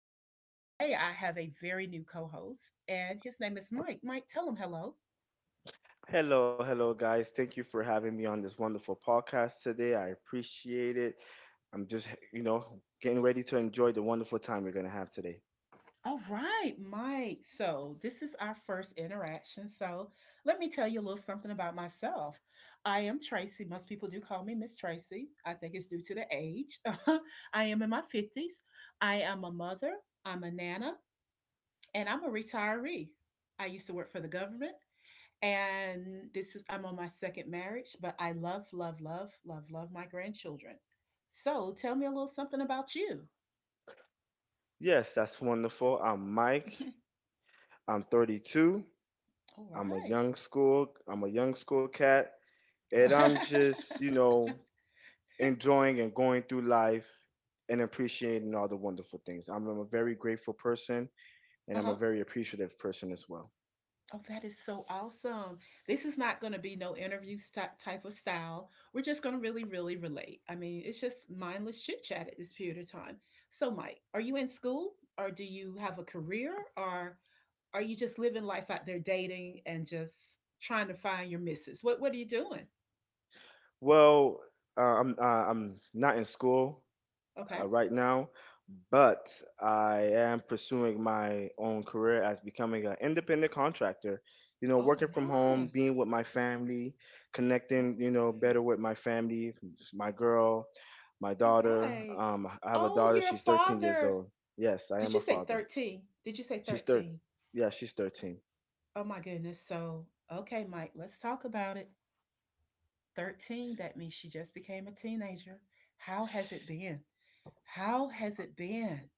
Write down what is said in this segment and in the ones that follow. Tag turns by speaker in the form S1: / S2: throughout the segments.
S1: Joining me today, I have a very new co host, and his name is Mike. Mike, tell him hello.
S2: Hello, hello, guys. Thank you for having me on this wonderful podcast today. I appreciate it. I'm just, you know, Getting ready to enjoy the wonderful time we're going to have today.
S1: All right, Mike. So, this is our first interaction. So, let me tell you a little something about myself. I am Tracy. Most people do call me Miss Tracy. I think it's due to the age. I am in my 50s. I am a mother, I'm a nana, and I'm a retiree. I used to work for the government, and this is I'm on my second marriage, but I love, love, love, love, love my grandchildren. So tell me a little something about you.
S2: Yes, that's wonderful. I'm Mike. I'm 32.
S1: All right.
S2: I'm a young school cat, and I'm just, you know, enjoying and going through life and appreciating all the wonderful things. I'm a very grateful person, and
S1: Uh
S2: I'm a
S1: huh.
S2: very appreciative person as well.
S1: Oh, that is so awesome. This is not going to be no interview type of style. We're just going to really, really relate. I mean, it's just mindless chit chat at this period of time. So, Mike, are you in school or do you have a career or are you just living life out there dating and just trying to find your misses? What are you doing?
S2: Well, I'm not in school.
S1: Okay.
S2: Right now, but I am pursuing my own career as becoming an independent contractor. You know,
S1: All
S2: working from home,
S1: right.
S2: being with my family,
S1: All
S2: connecting, you know,
S1: right.
S2: better with my family, my girl, my
S1: All
S2: daughter.
S1: right.
S2: I have a
S1: Oh,
S2: daughter.
S1: you're a
S2: She's 13 years
S1: father.
S2: old. Yes, I
S1: Did
S2: am
S1: you
S2: a
S1: say
S2: father.
S1: 13? Did you say
S2: She's thir.
S1: 13?
S2: Yeah, she's 13.
S1: Oh my goodness. So, okay, Mike, let's talk about it. 13, that means she just became a teenager. How has it been? How has it been?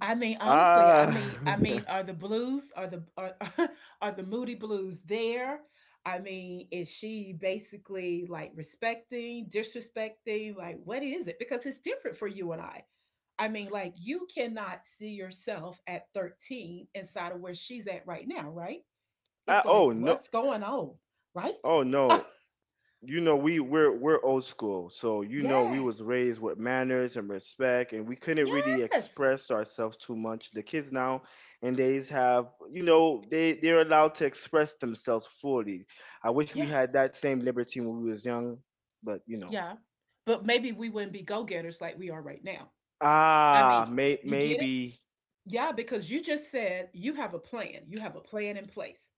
S1: I mean, honestly, I
S2: Ah.
S1: mean, are the blues, are the are, are the moody blues there? I mean, is she basically like respecting, disrespecting? Like, what is it? Because it's different for you and I. I mean, like, you cannot see yourself at 13 inside of where she's at right now, right? It's
S2: Ah,
S1: like,
S2: oh no.
S1: what's going on, right?
S2: Oh no. You know we're old school, so you know we was
S1: Yes,
S2: raised with manners and respect, and we couldn't really
S1: yes,
S2: express ourselves too much. The kids now, and they have, you know, they're allowed to express themselves fully. I wish we
S1: yeah,
S2: had that same liberty when we was young, but you know,
S1: yeah. But maybe we wouldn't be go getters like we are right now. I mean, you get it?
S2: maybe.
S1: Yeah, because you just said you have a plan. You have a plan in place.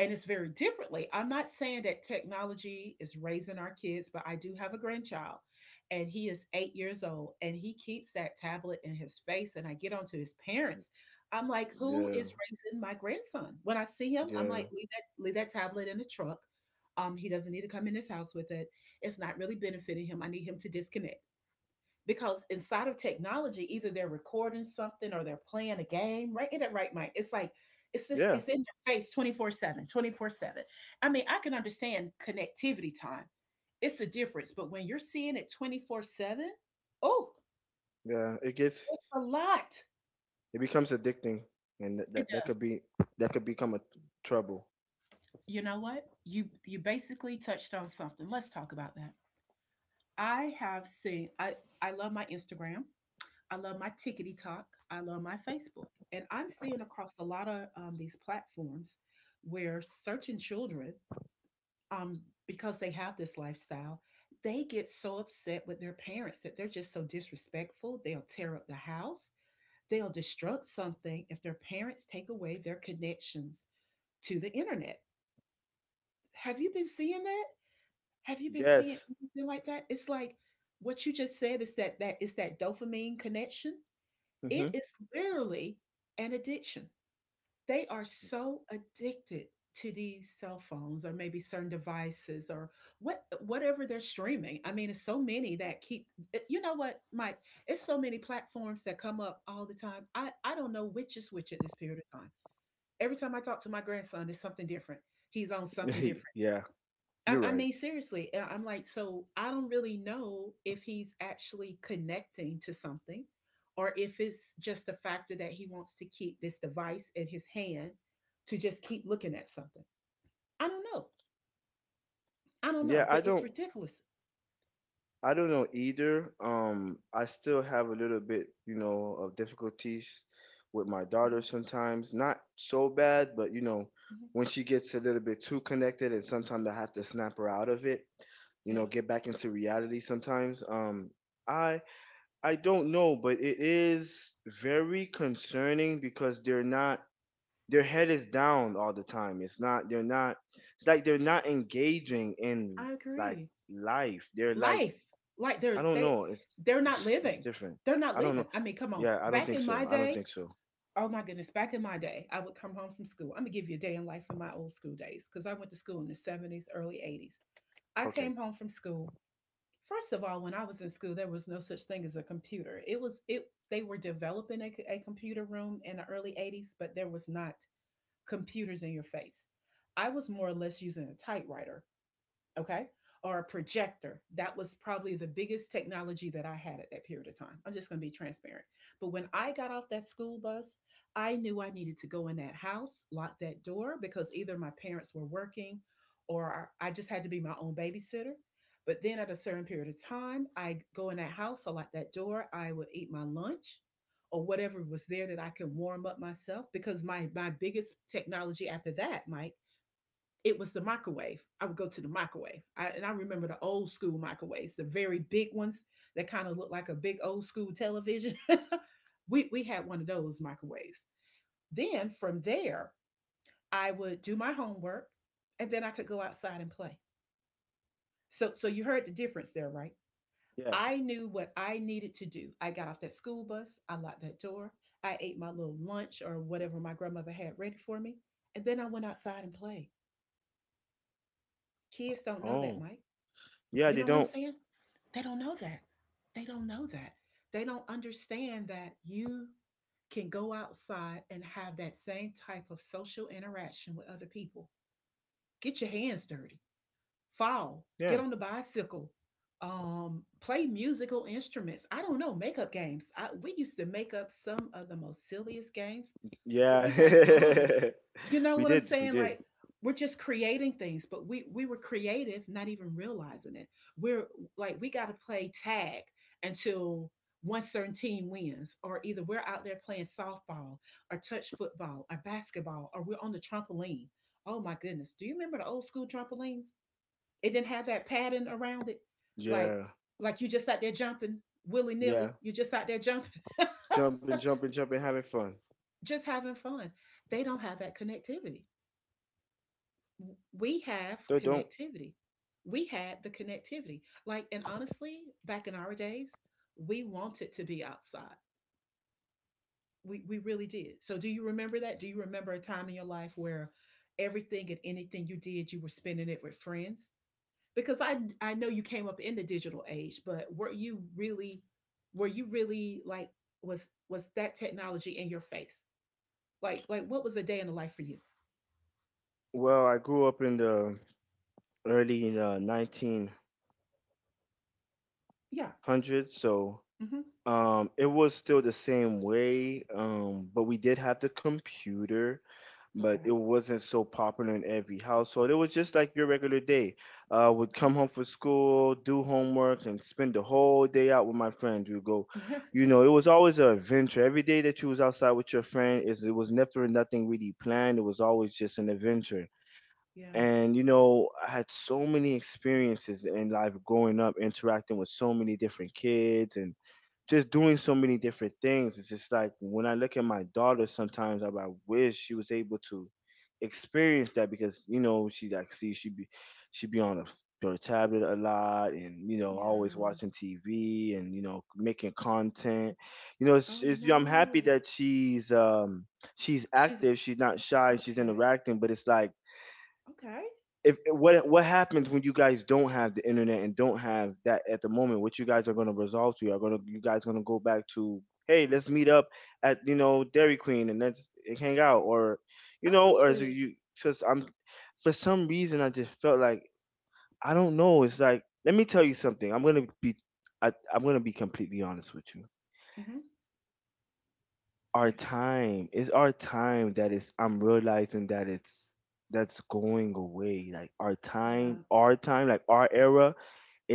S1: And it's very differently. I'm not saying that technology is raising our kids, but I do have a grandchild and he is 8 years old and he keeps that tablet in his face. And I get onto his parents. I'm like, who
S2: Yeah,
S1: is raising my grandson? When I see him, I'm
S2: yeah,
S1: like, leave that tablet in the truck. He doesn't need to come in his house with it. It's not really benefiting him. I need him to disconnect because inside of technology, either they're recording something or they're playing a game, right? Get it right, Mike. It's like it's just
S2: yeah,
S1: it's in your face 24 seven, twenty 7. I mean, I can understand connectivity time. It's a difference, but when you're seeing it 24/7, oh,
S2: yeah. It gets,
S1: it's a lot.
S2: it becomes addicting, and that
S1: It
S2: that, that
S1: does.
S2: could be, that could become a trouble.
S1: You know what? You basically touched on something. Let's talk about that. I have seen I I love my Instagram. I love my tickety talk. I love my Facebook. And I'm seeing across a lot of these platforms where certain children, um, because they have this lifestyle, they get so upset with their parents that they're just so disrespectful. They'll tear up the house, they'll destruct something if their parents take away their connections to the internet. Have you been seeing that? Have you been seeing
S2: Yes.
S1: anything like that? It's like what you just said is that that is that dopamine connection. It
S2: Mhm.
S1: is literally an addiction. They are so addicted to these cell phones or maybe certain devices or whatever they're streaming. I mean, it's so many that keep you know what, Mike? It's so many platforms that come up all the time. I don't know which is which at this period of time. Every time I talk to my grandson, it's something different. He's on something different.
S2: Yeah, you're right.
S1: Seriously, I'm like, so I don't really know if he's actually connecting to something or if it's just a factor that he wants to keep this device in his hand to just keep looking at something. I don't know. I don't
S2: Yeah,
S1: know, but it's ridiculous.
S2: I don't know either. I still have a little bit, you know, of difficulties with my
S1: Hmm.
S2: daughter sometimes. Not so bad, but you know,
S1: Hmm.
S2: when she gets a little bit too connected and sometimes I have to snap her out of it, you know,
S1: Yeah,
S2: get back into reality sometimes. I I don't know, but it is very concerning because they're not their head is down all the time. It's like they're not engaging in,
S1: I
S2: like,
S1: agree.
S2: life. They're like
S1: Life, like
S2: I
S1: they're
S2: don't
S1: they
S2: know. It's
S1: they're not
S2: it's
S1: living.
S2: different.
S1: They're not
S2: I don't know.
S1: living. I mean, come on.
S2: Yeah, I don't
S1: Back
S2: think
S1: in my
S2: so. I don't
S1: day,
S2: think so.
S1: oh my goodness, back in my day, I would come home from school. I'm gonna give you a day in life in my old school days because I went to school in the 70s, early 80s. I
S2: Okay.
S1: came home from school. First of all, when I was in school, there was no such thing as a computer. It was it They were developing a computer room in the early 80s, but there was not computers in your face. I was more or less using a typewriter, okay, or a projector. That was probably the biggest technology that I had at that period of time. I'm just going to be transparent. But when I got off that school bus, I knew I needed to go in that house, lock that door, because either my parents were working or I just had to be my own babysitter. But then at a certain period of time, I go in that house, I lock that door, I would eat my lunch or whatever was there that I could warm up myself because my biggest technology after that, Mike, it was the microwave. I would go to the microwave. And I remember the old school microwaves, the very big ones that kind of looked like a big old school television. We had one of those microwaves. Then from there, I would do my homework and then I could go outside and play. So, you heard the difference there, right?
S2: Yeah.
S1: I knew what I needed to do. I got off that school bus, I locked that door, I ate my little lunch or whatever my grandmother had ready for me, and then I went outside and played. Kids don't know that,
S2: Oh.
S1: Mike.
S2: Yeah,
S1: You
S2: they
S1: know what I'm
S2: don't.
S1: saying? They don't know that. They don't know that. They don't understand that you can go outside and have that same type of social interaction with other people. Get your hands dirty, fall,
S2: Yeah.
S1: get on the bicycle, play musical instruments. I don't know, make up games. We used to make up some of the most silliest games, but
S2: Yeah.
S1: we had fun, you know
S2: We
S1: what I'm
S2: did. We
S1: saying?
S2: did.
S1: Like, we're just creating things, but we were creative, not even realizing it. We're like, we got to play tag until one certain team wins, or either we're out there playing softball, or touch football, or basketball, or we're on the trampoline. Oh my goodness! Do you remember the old school trampolines? It didn't have that padding around it, like
S2: Yeah.
S1: you just out there jumping willy nilly.
S2: Yeah.
S1: You're just out there jumping,
S2: Jumping, jumping, jumping, having fun.
S1: just having fun. They don't have that connectivity, we have
S2: They don't.
S1: connectivity. We had the connectivity. Like, and honestly, back in our days, we wanted to be outside. We really did. So, do you remember that? Do you remember a time in your life where everything and anything you did, you were spending it with friends? Because I know you came up in the digital age, but were you really like, was that technology in your face? Like, what was a day in the life for you?
S2: Well, I grew up in the early 1900s,
S1: Yeah.
S2: so.
S1: Hmm.
S2: It was still the same way, but we did have the computer, but it
S1: Okay.
S2: wasn't so popular in every household. It was just like your regular day. Would come home from school, do homework, and spend the whole day out with my friends. You know, it was always an adventure. Every day that you was outside with your friend, is it was never nothing really planned. It was always just an adventure.
S1: Yeah.
S2: And you know, I had so many experiences in life growing up, interacting with so many different kids and just doing so many different things. It's just like when I look at my daughter, sometimes I'm like, I wish she was able to experience that because you know she like see she be on a her tablet a lot, and you know,
S1: Yeah.
S2: always watching TV, and you know, making content. You know,
S1: Oh,
S2: I'm happy
S1: no.
S2: that she's
S1: She's
S2: active, she's not shy, she's
S1: okay,
S2: interacting, but it's like,
S1: okay,
S2: if eh, what happens when you guys don't have the internet and don't have that at the moment? What you guys are going to resolve to? Are going to, you guys going to go back to, hey, let's meet up at, you know, Dairy Queen and let's hang out? Or you know, or is it?
S1: absolutely.
S2: You because I'm For some reason I just felt like, I don't know it's like, let me tell you something, I'm going to be completely honest with you.
S1: Mhm.
S2: Our
S1: Yes.
S2: time is our time. That is I'm realizing that it's that's going away. Like,
S1: Yeah,
S2: our time, like, our era,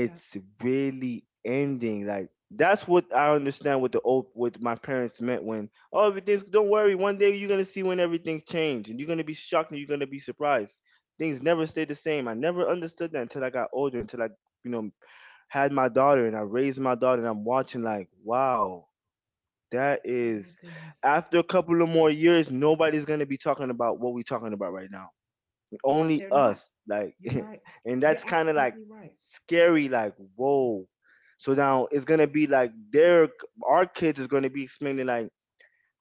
S1: yeah.
S2: really ending. Like, that's what I understand, what the old, what my parents meant when, oh, everything's, don't worry, one day you're gonna see when everything changed, and you're gonna be shocked, and you're gonna be surprised. Things never stay the same. I never understood that until I got older, until I you know had my daughter and I raised my daughter, and I'm watching, like, wow, that
S1: Oh my
S2: is,
S1: goodness.
S2: after a couple of more years, nobody's gonna be talking about what we're talking about right now,
S1: It's
S2: only
S1: They're not.
S2: us. Like,
S1: You're right.
S2: and that's
S1: You're
S2: kind of like
S1: absolutely right.
S2: scary, like, whoa. So now it's gonna be like their our kids is gonna be explaining, like,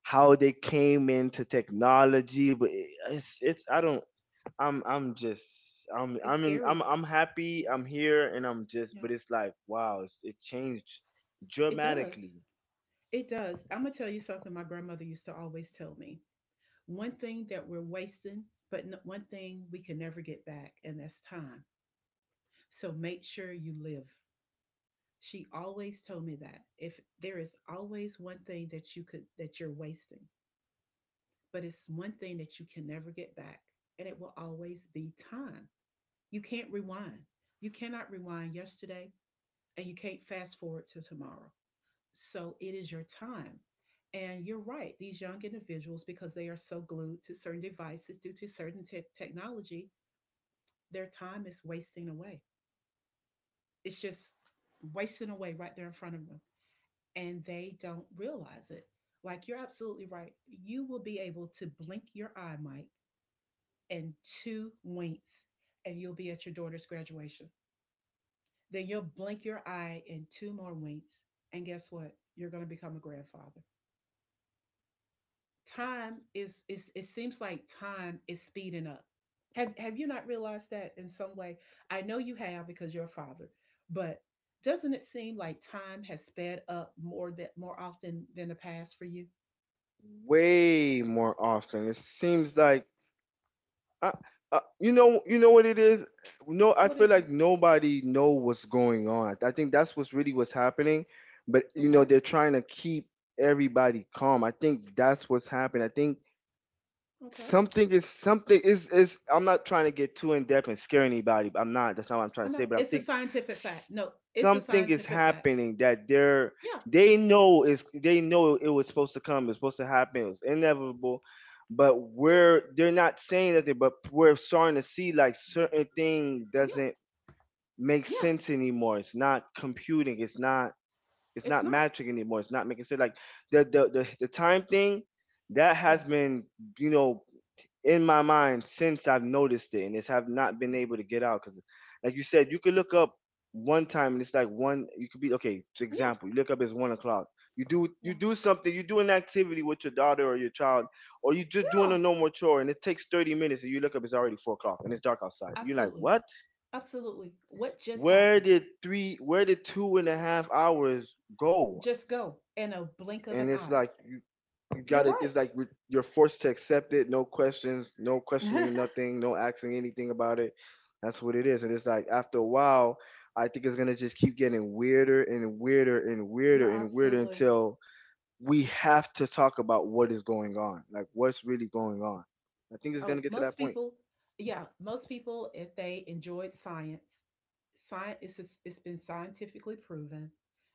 S2: how they came into technology. But it- it's I don't I'm just
S1: It's
S2: I'm in, I'm
S1: scary.
S2: I'm happy I'm here, and I'm just
S1: Yeah.
S2: but it's like, wow, it changed
S1: It does.
S2: dramatically.
S1: It does. Imma tell you something my grandmother used to always tell me. One thing that we're wasting, but n one thing we can never get back, and that's time. So make sure you live. She always told me that. If there is always one thing that you could that you're wasting, but it's one thing that you can never get back, and it will always be time. You can't rewind. You cannot rewind yesterday, and you can't fast forward to tomorrow. So it is your time. And you're right, these young individuals, because they are so glued to certain devices due to certain technology, their time is wasting away. It's just wasting away right there in front of them. And they don't realize it. Like, you're absolutely right. You will be able to blink your eye, Mike, in two winks, and you'll be at your daughter's graduation. Then you'll blink your eye in two more winks, and guess what? You're going to become a grandfather. Time is, it seems like time is speeding up. Have you not realized that in some way? I know you have because you're a father, but doesn't it seem like time has sped up more often than the past for you?
S2: Way more often, it seems like I, you know, what it is. No, I
S1: What
S2: feel
S1: is it?
S2: like nobody know what's going on. I think that's what's really what's happening. But you know,
S1: Okay.
S2: they're trying to keep everybody calm. I think that's what's happened. I think
S1: Okay.
S2: something is, I'm not trying to get too in depth and scare anybody. I'm not. That's not what I'm trying
S1: I
S2: to say.
S1: know.
S2: But I
S1: It's a
S2: think
S1: scientific fact.
S2: s-
S1: No, it's a
S2: something is
S1: scientific fact.
S2: happening that they're
S1: Yeah.
S2: they know, is, they know it was supposed to come. It's supposed to happen. It was inevitable. But
S1: Yeah.
S2: we're they're not saying anything. But we're starting to see, like, certain thing
S1: Yeah.
S2: doesn't make
S1: Yeah.
S2: sense anymore. It's not computing. It's not. It's
S1: It's
S2: not
S1: not.
S2: magic anymore. It's not making sense. Like, the time thing that
S1: Yeah.
S2: has been, you know, in my mind since I've noticed it, and it's have not been able to get out. Because, like you said, you could look up one time, and it's like one. You could be okay. For
S1: Yeah.
S2: example, you look up, it's 1 o'clock.
S1: Yeah.
S2: You do something. You do an activity with your daughter or your child, or you just doing
S1: Yeah.
S2: a normal chore, and it takes 30 minutes, and you look up, it's already 4 o'clock, and it's dark outside. You're like,
S1: Absolutely.
S2: what?
S1: Absolutely. What just
S2: Where
S1: happened?
S2: did three? Where did two and a half hours go?
S1: Just go in a blink
S2: And
S1: of an
S2: it's like,
S1: eye.
S2: you got
S1: You're
S2: it. It's
S1: right.
S2: like, you're forced to accept it. No questions, no questioning nothing, no asking anything about it. That's what it is. And it's like, after a while, I think it's gonna just keep getting weirder and weirder and
S1: You're
S2: weirder and weirder
S1: absolutely.
S2: until we have to talk about what is going on, like, what's really going on. I think it's gonna
S1: Oh,
S2: get to
S1: most
S2: that point.
S1: people, yeah, most people, if they enjoyed science, it's been scientifically proven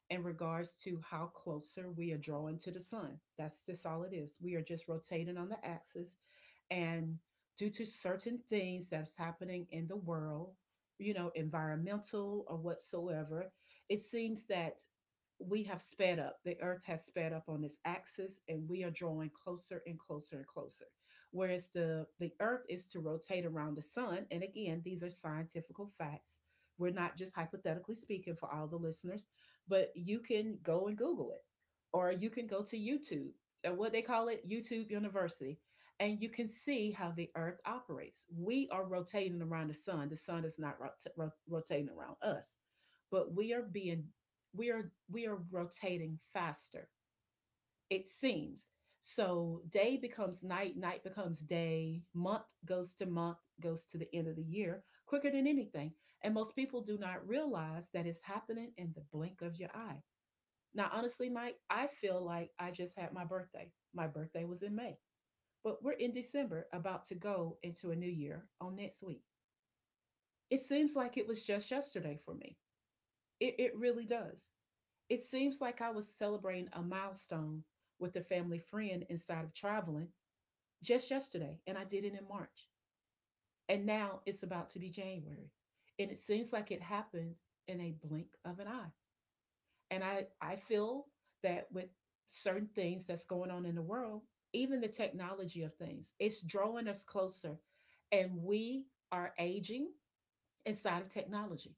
S1: in regards to how closer we are drawing to the Sun. That's just all it is. We are just rotating on the axis. And due to certain things that's happening in the world, you know, environmental or whatsoever, it seems that we have sped up. The Earth has sped up on its axis, and we are drawing closer and closer and closer. Whereas the Earth is to rotate around the Sun, and again, these are scientific facts. We're not just hypothetically speaking for all the listeners, but you can go and Google it, or you can go to YouTube, what they call it, YouTube University, and you can see how the Earth operates. We are rotating around the Sun. The Sun is not rotating around us, but we are we are rotating faster, it seems. So day becomes night, night becomes day, month goes to the end of the year quicker than anything. And most people do not realize that it's happening in the blink of your eye. Now, honestly, Mike, I feel like I just had my birthday. My birthday was in May, but we're in December about to go into a new year on next week. It seems like it was just yesterday for me. It really does. It seems like I was celebrating a milestone with a family friend inside of traveling just yesterday, and I did it in March. And now it's about to be January. And it seems like it happened in a blink of an eye. And I feel that with certain things that's going on in the world, even the technology of things, it's drawing us closer. And we are aging inside of technology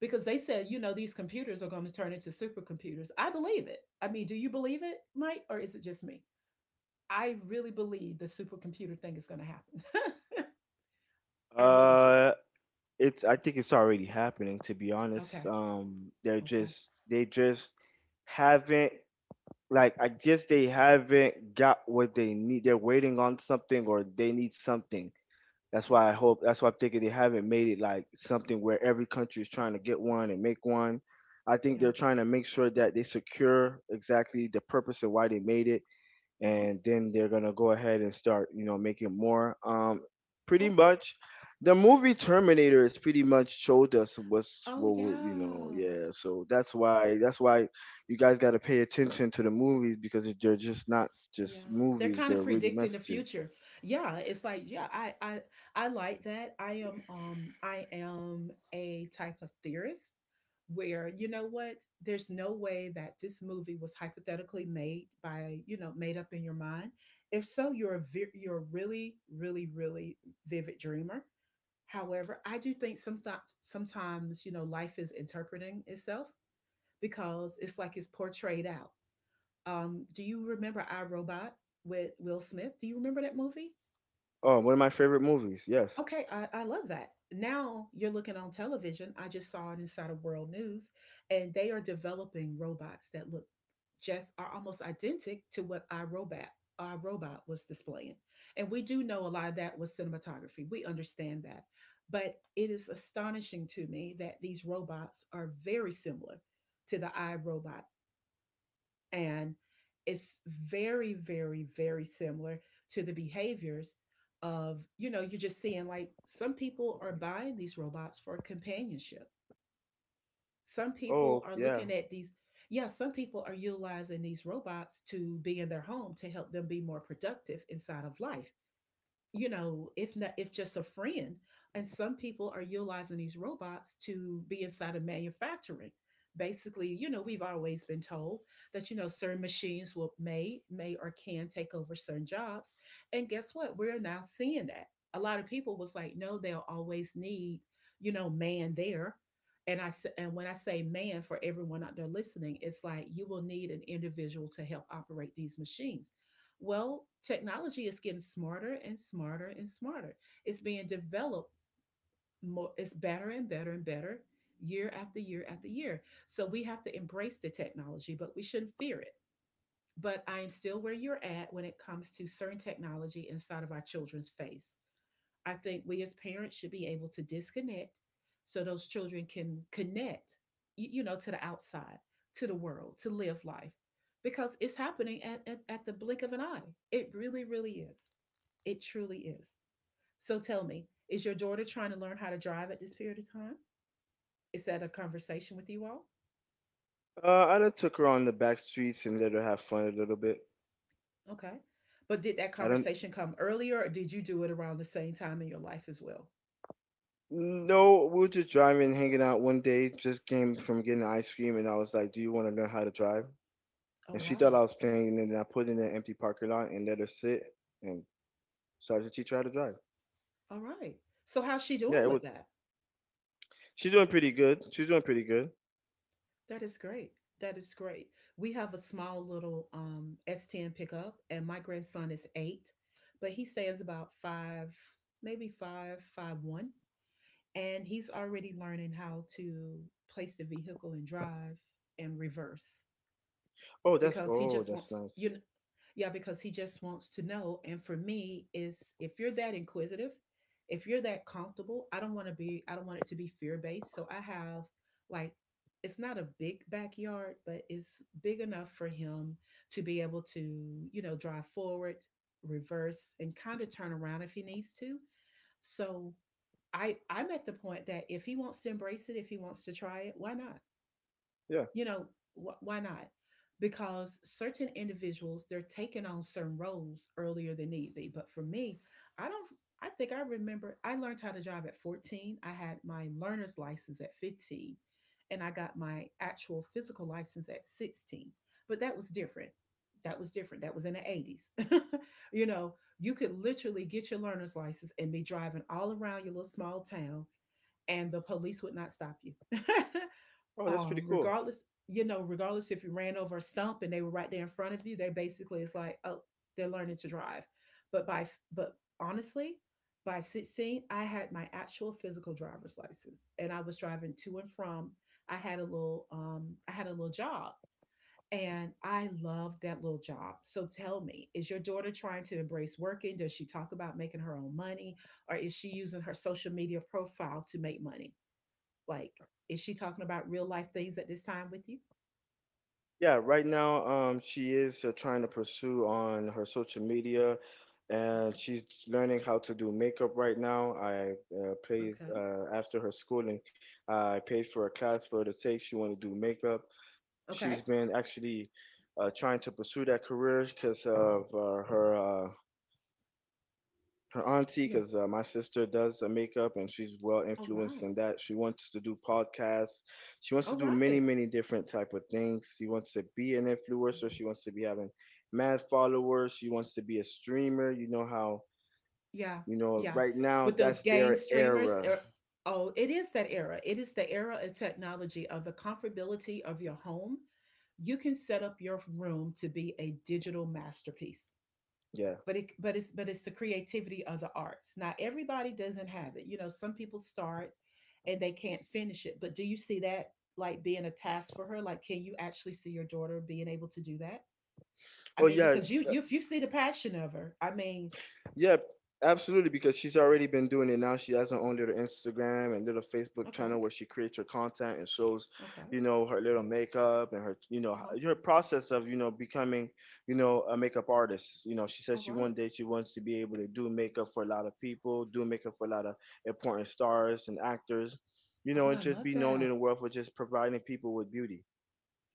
S1: because they said, you know, these computers are going to turn into supercomputers. I believe it. I mean, do you believe it, Mike, or is it just me? I really believe the supercomputer thing is going to happen. I really do.
S2: Uh, it's. I think it's already happening. To be honest,
S1: Okay. Okay.
S2: they just haven't, like, I guess they haven't got what they need. They're waiting on something or they need something. That's why I
S1: Okay.
S2: hope. That's why I'm thinking they haven't made it, like, something where every country is trying to get one and make one. I think
S1: Yeah.
S2: they're trying to make sure that they secure exactly the purpose and why they made it,
S1: Uh huh.
S2: and then they're gonna go ahead and start, you know, making more. Pretty
S1: Okay.
S2: much, the movie Terminator is pretty much showed us what's
S1: Oh
S2: you know,
S1: yeah.
S2: yeah. So that's why you guys got to pay attention to the movies, because if they're just not
S1: Yeah,
S2: just
S1: they're
S2: movies,
S1: kind
S2: they're
S1: of
S2: really
S1: predicting the
S2: messages.
S1: future. Yeah, it's like, yeah, I like that. I am a type of theorist where, you know what, there's no way that this movie was hypothetically made by, you know, made up in your mind. If so, you're a really really really vivid dreamer. However, I do think sometimes, you know, life is interpreting itself because it's like it's portrayed out. Do you remember I Robot with Will Smith? Do you remember that movie?
S2: Oh, one of my favorite movies. Yes.
S1: Okay, I love that. Now you're looking on television. I just saw it inside of World News, and they are developing robots that look just are almost identical to what I Robot was displaying. And we do know a lot of that was cinematography. We understand that. But it is astonishing to me that these robots are very similar to the I Robot. And it's very, very, very similar to the behaviors of, you know, you're just seeing like some people are buying these robots for companionship. Some people
S2: Oh
S1: are
S2: yeah.
S1: looking at these, yeah, some people are utilizing these robots to be in their home to help them be more productive inside of life, you know, if not, if just a friend. And some people are utilizing these robots to be inside of manufacturing. Basically, you know, we've always been told that, you know, certain machines will may or can take over certain jobs, and guess what? We're now seeing that. A lot of people was like, no, they'll always need, you know, man there. And when I say man for everyone out there listening, it's like you will need an individual to help operate these machines. Well, technology is getting smarter and smarter and smarter. It's being developed more, it's better and better and better, year after year after year. So we have to embrace the technology, but we shouldn't fear it. But I am still where you're at when it comes to certain technology inside of our children's face. I think we as parents should be able to disconnect so those children can connect, to the outside, to the world, to live life, because it's happening at the blink of an eye. It really, really is. It truly is. So tell me, is your daughter trying to learn how to drive at this period of time? Is that a conversation with you all?
S2: I done took her on the back streets and let her have fun a little bit.
S1: Okay. But did that
S2: I don't.
S1: conversation come earlier or did you do it around the same time in your life as well?
S2: No, we were just driving, hanging out one day. Just came from getting ice cream, and I was like, "Do you want to learn how to drive?"
S1: Oh,
S2: And she thought
S1: wow.
S2: I was playing, and then I put in an empty parking lot and let her sit, and started to teach her how to drive.
S1: All right. So how's she
S2: Yeah,
S1: doing
S2: it was.
S1: with that?
S2: She's doing pretty good. She's doing pretty good.
S1: That is great. That is great. We have a small little S10 pickup, and my grandson is eight, but he stands about five, maybe five, five, one, and he's already learning how to place the vehicle and drive and reverse
S2: Oh, that's,
S1: because he
S2: oh,
S1: just
S2: that's
S1: wants,
S2: nice.
S1: yeah, because he just wants to know. And for me is, if you're that inquisitive, if you're that comfortable, I don't want it to be fear based. So I have, like, it's not a big backyard, but it's big enough for him to be able to, you know, drive forward, reverse, and kind of turn around if he needs to. So I'm at the point that if he wants to embrace it, if he wants to try it, why not?
S2: Yeah.
S1: You know, why not? Because certain individuals they're taking on certain roles earlier than need be. But for me, I don't. I think I remember I learned how to drive at 14. I had my learner's license at 15, and I got my actual physical license at 16. But that was different. That was different. That was in the 80s. You know, you could literally get your learner's license and be driving all around your little small town, and the police would not stop you.
S2: Oh, that's
S1: um,
S2: pretty cool.
S1: regardless, regardless, if you ran over a stump and they were right there in front of you, they basically it's like, oh, they're learning to drive. But by but, honestly, by 16, I had my actual physical driver's license, and I was driving to and from. I had a little job, and I loved that little job. So tell me, is your daughter trying to embrace working? Does she talk about making her own money? Or is she using her social media profile to make money? Like, is she talking about real life things at this time with you?
S2: Yeah, right now, she is trying to pursue on her social media, and she's learning how to do makeup right now. I paid
S1: Okay. Okay.
S2: After her schooling, I paid for a class for her to take. She want to do makeup. She's
S1: Okay.
S2: been actually trying to pursue that career because of her auntie,
S1: Yeah.
S2: because my sister does makeup and she's well
S1: All
S2: influenced
S1: right.
S2: in that. She wants to do podcasts, she wants to
S1: All
S2: do many
S1: right.
S2: many different type of things, she wants to be an influencer, she wants to be having mad followers, she wants to be a streamer. You know how,
S1: Yeah.
S2: you know,
S1: Yeah.
S2: right now
S1: With those
S2: that's
S1: game
S2: their
S1: streamers,
S2: era.
S1: oh, it is that era. It is the era of technology, of the comfortability of your home. You can set up your room to be a digital masterpiece.
S2: Yeah.
S1: But it's the creativity of the arts. Not everybody doesn't have it, you know. Some people start and they can't finish it. But do you see that, like, being a task for her? Like, can you actually see your daughter being able to do that? I
S2: Oh
S1: mean,
S2: yeah.
S1: because you, if you see the passion of her, I mean,
S2: Yeah, absolutely. Because she's already been doing it now. She has her own little Instagram and little Facebook channel
S1: okay,
S2: where she creates her content and shows,
S1: okay,
S2: you know, her little makeup and her, you know,
S1: uh-huh,
S2: her process of, you know, becoming, you know, a makeup artist. You know, she
S1: all
S2: says she
S1: right,
S2: one day she wants to be able to do makeup for a lot of people, do makeup for a lot of important stars and actors, you know,
S1: oh,
S2: and
S1: I
S2: just
S1: love
S2: be known in
S1: that.
S2: the world for just providing people with beauty.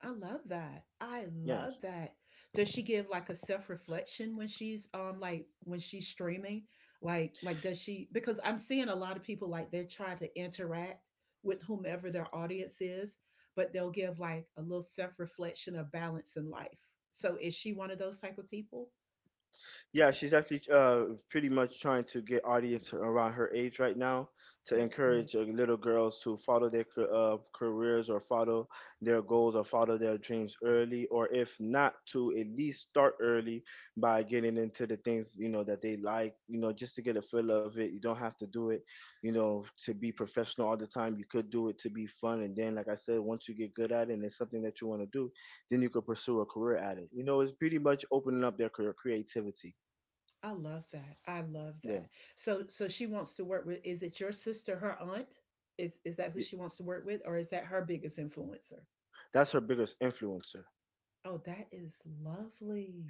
S1: I love that. I
S2: Yeah,
S1: love that. Does she give like a self-reflection when she's like when she's streaming? Like, does she, because I'm seeing a lot of people like they're trying to interact with whomever their audience is, but they'll give like a little self-reflection of balance in life. So is she one of those type of people?
S2: yeah, she's actually pretty much trying to get audience around her age right now to
S1: That's good.
S2: encourage little girls to follow their careers or follow their goals or follow their dreams early, or if not, to at least start early by getting into the things you know that they like. You know, just to get a feel of it. You don't have to do it, you know, to be professional all the time. You could do it to be fun, and then, like I said, once you get good at it and it's something that you want to do, then you could pursue a career at it. You know, it's pretty much opening up their career creativity.
S1: I love that. I love
S2: Yeah,
S1: that. So she wants to work with, is it your sister, her aunt? Is that who
S2: y-
S1: she wants to work with, or is that her biggest influencer?
S2: that's her biggest influencer.
S1: Oh, that is lovely.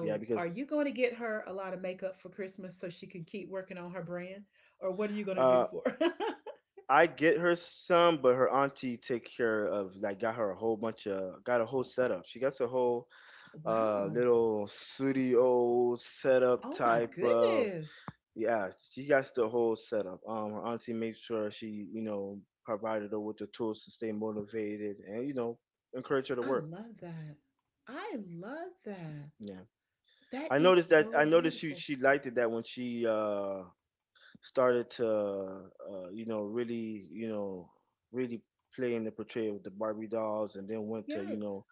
S2: Yeah,
S1: are
S2: because
S1: you going to get her a lot of makeup for Christmas so she can keep working on her brand? Or what are you going to do
S2: uh,
S1: for her?
S2: I get her some, but her auntie take care of like got a whole setup. She gets a whole
S1: Wow.
S2: little studio setup
S1: Oh my
S2: type of.
S1: goodness.
S2: Yeah. She got the whole setup. Her auntie makes sure she you know provided her with the tools to stay motivated and you know encourage her to
S1: I
S2: work.
S1: love that. I love that.
S2: Yeah,
S1: That
S2: I
S1: is
S2: noticed that. I
S1: so
S2: noticed she
S1: beautiful.
S2: she liked it that when she started to you know really play in the portrayal of the Barbie dolls, and then went to you
S1: Yes.
S2: know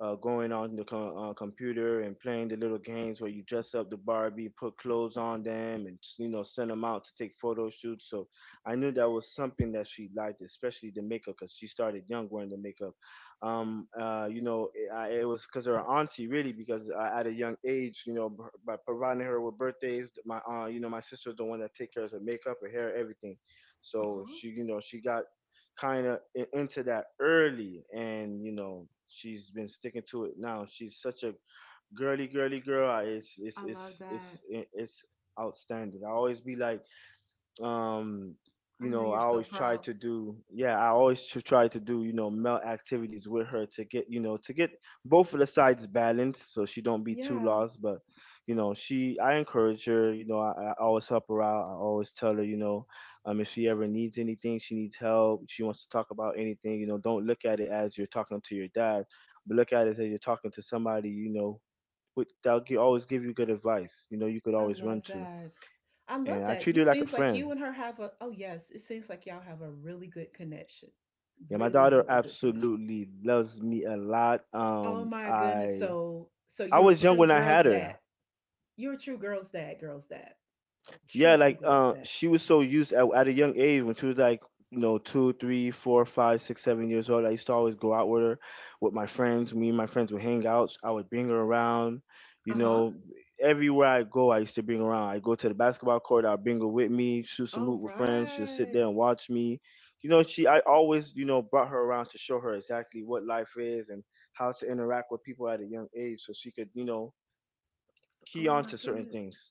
S2: going on the computer and playing the little games where you dress up the Barbie, put clothes on them, and you know send them out to take photo shoots. So I knew that was something that she liked, especially the makeup, because she started young wearing the makeup. You know, it was because her auntie really, because I, at a young age, you know, by providing her with birthdays, my you know, my sister's the one that take care of her makeup, her hair, everything. So
S1: Uh-huh.
S2: she, you know, she got kind of into that early, and you know she's been sticking to it. Now she's such a girly girl. It's it's
S1: I love
S2: it's it's
S1: that.
S2: it's outstanding. I always be like, um you
S1: I know
S2: know, I
S1: you're so
S2: always try
S1: proud.
S2: to do, yeah, I always try to do, you know, male activities with her to get, you know, to get both of the sides balanced, so she don't be too
S1: Yeah.
S2: lost. But you know, she I encourage her, you know, I always help her out. I always tell her, you know, if she ever needs anything, she needs help, she wants to talk about anything, you know, don't look at it as you're talking to your dad, but look at it as you're talking to somebody, you know, that'll always give you good advice, you know, you could
S1: I
S2: always run
S1: love
S2: to,
S1: that. I
S2: and
S1: love
S2: I
S1: that.
S2: treat
S1: You
S2: her like a
S1: seems like
S2: friend.
S1: you and her have a, oh yes, it seems like y'all have a really good connection.
S2: Yeah, my
S1: Really,
S2: daughter
S1: really good connection.
S2: absolutely loves me a lot.
S1: Oh my goodness. So
S2: I
S1: you're a
S2: was young
S1: true
S2: when I
S1: girl's
S2: had
S1: dad.
S2: her.
S1: You're a true girl's dad, girl's dad.
S2: Yeah,
S1: True
S2: like
S1: girl's dad.
S2: she was so used at a young age when she was like, you know, two, three, four, five, six, 7 years old. I used to always go out with her, with my friends. Me and my friends would hang out. I would bring her around. You
S1: Uh-huh.
S2: know, everywhere I go, I used to bring her around. I go to the basketball court. I'll bring her with me, shoot some
S1: All
S2: hoop with friends. She'll sit
S1: right.
S2: there and watch me. You know, she. I always, you know, brought her around to show her exactly what life is and how to interact with people at a young age, so she could, you know, key
S1: Oh
S2: on
S1: my
S2: to certain
S1: goodness.
S2: things.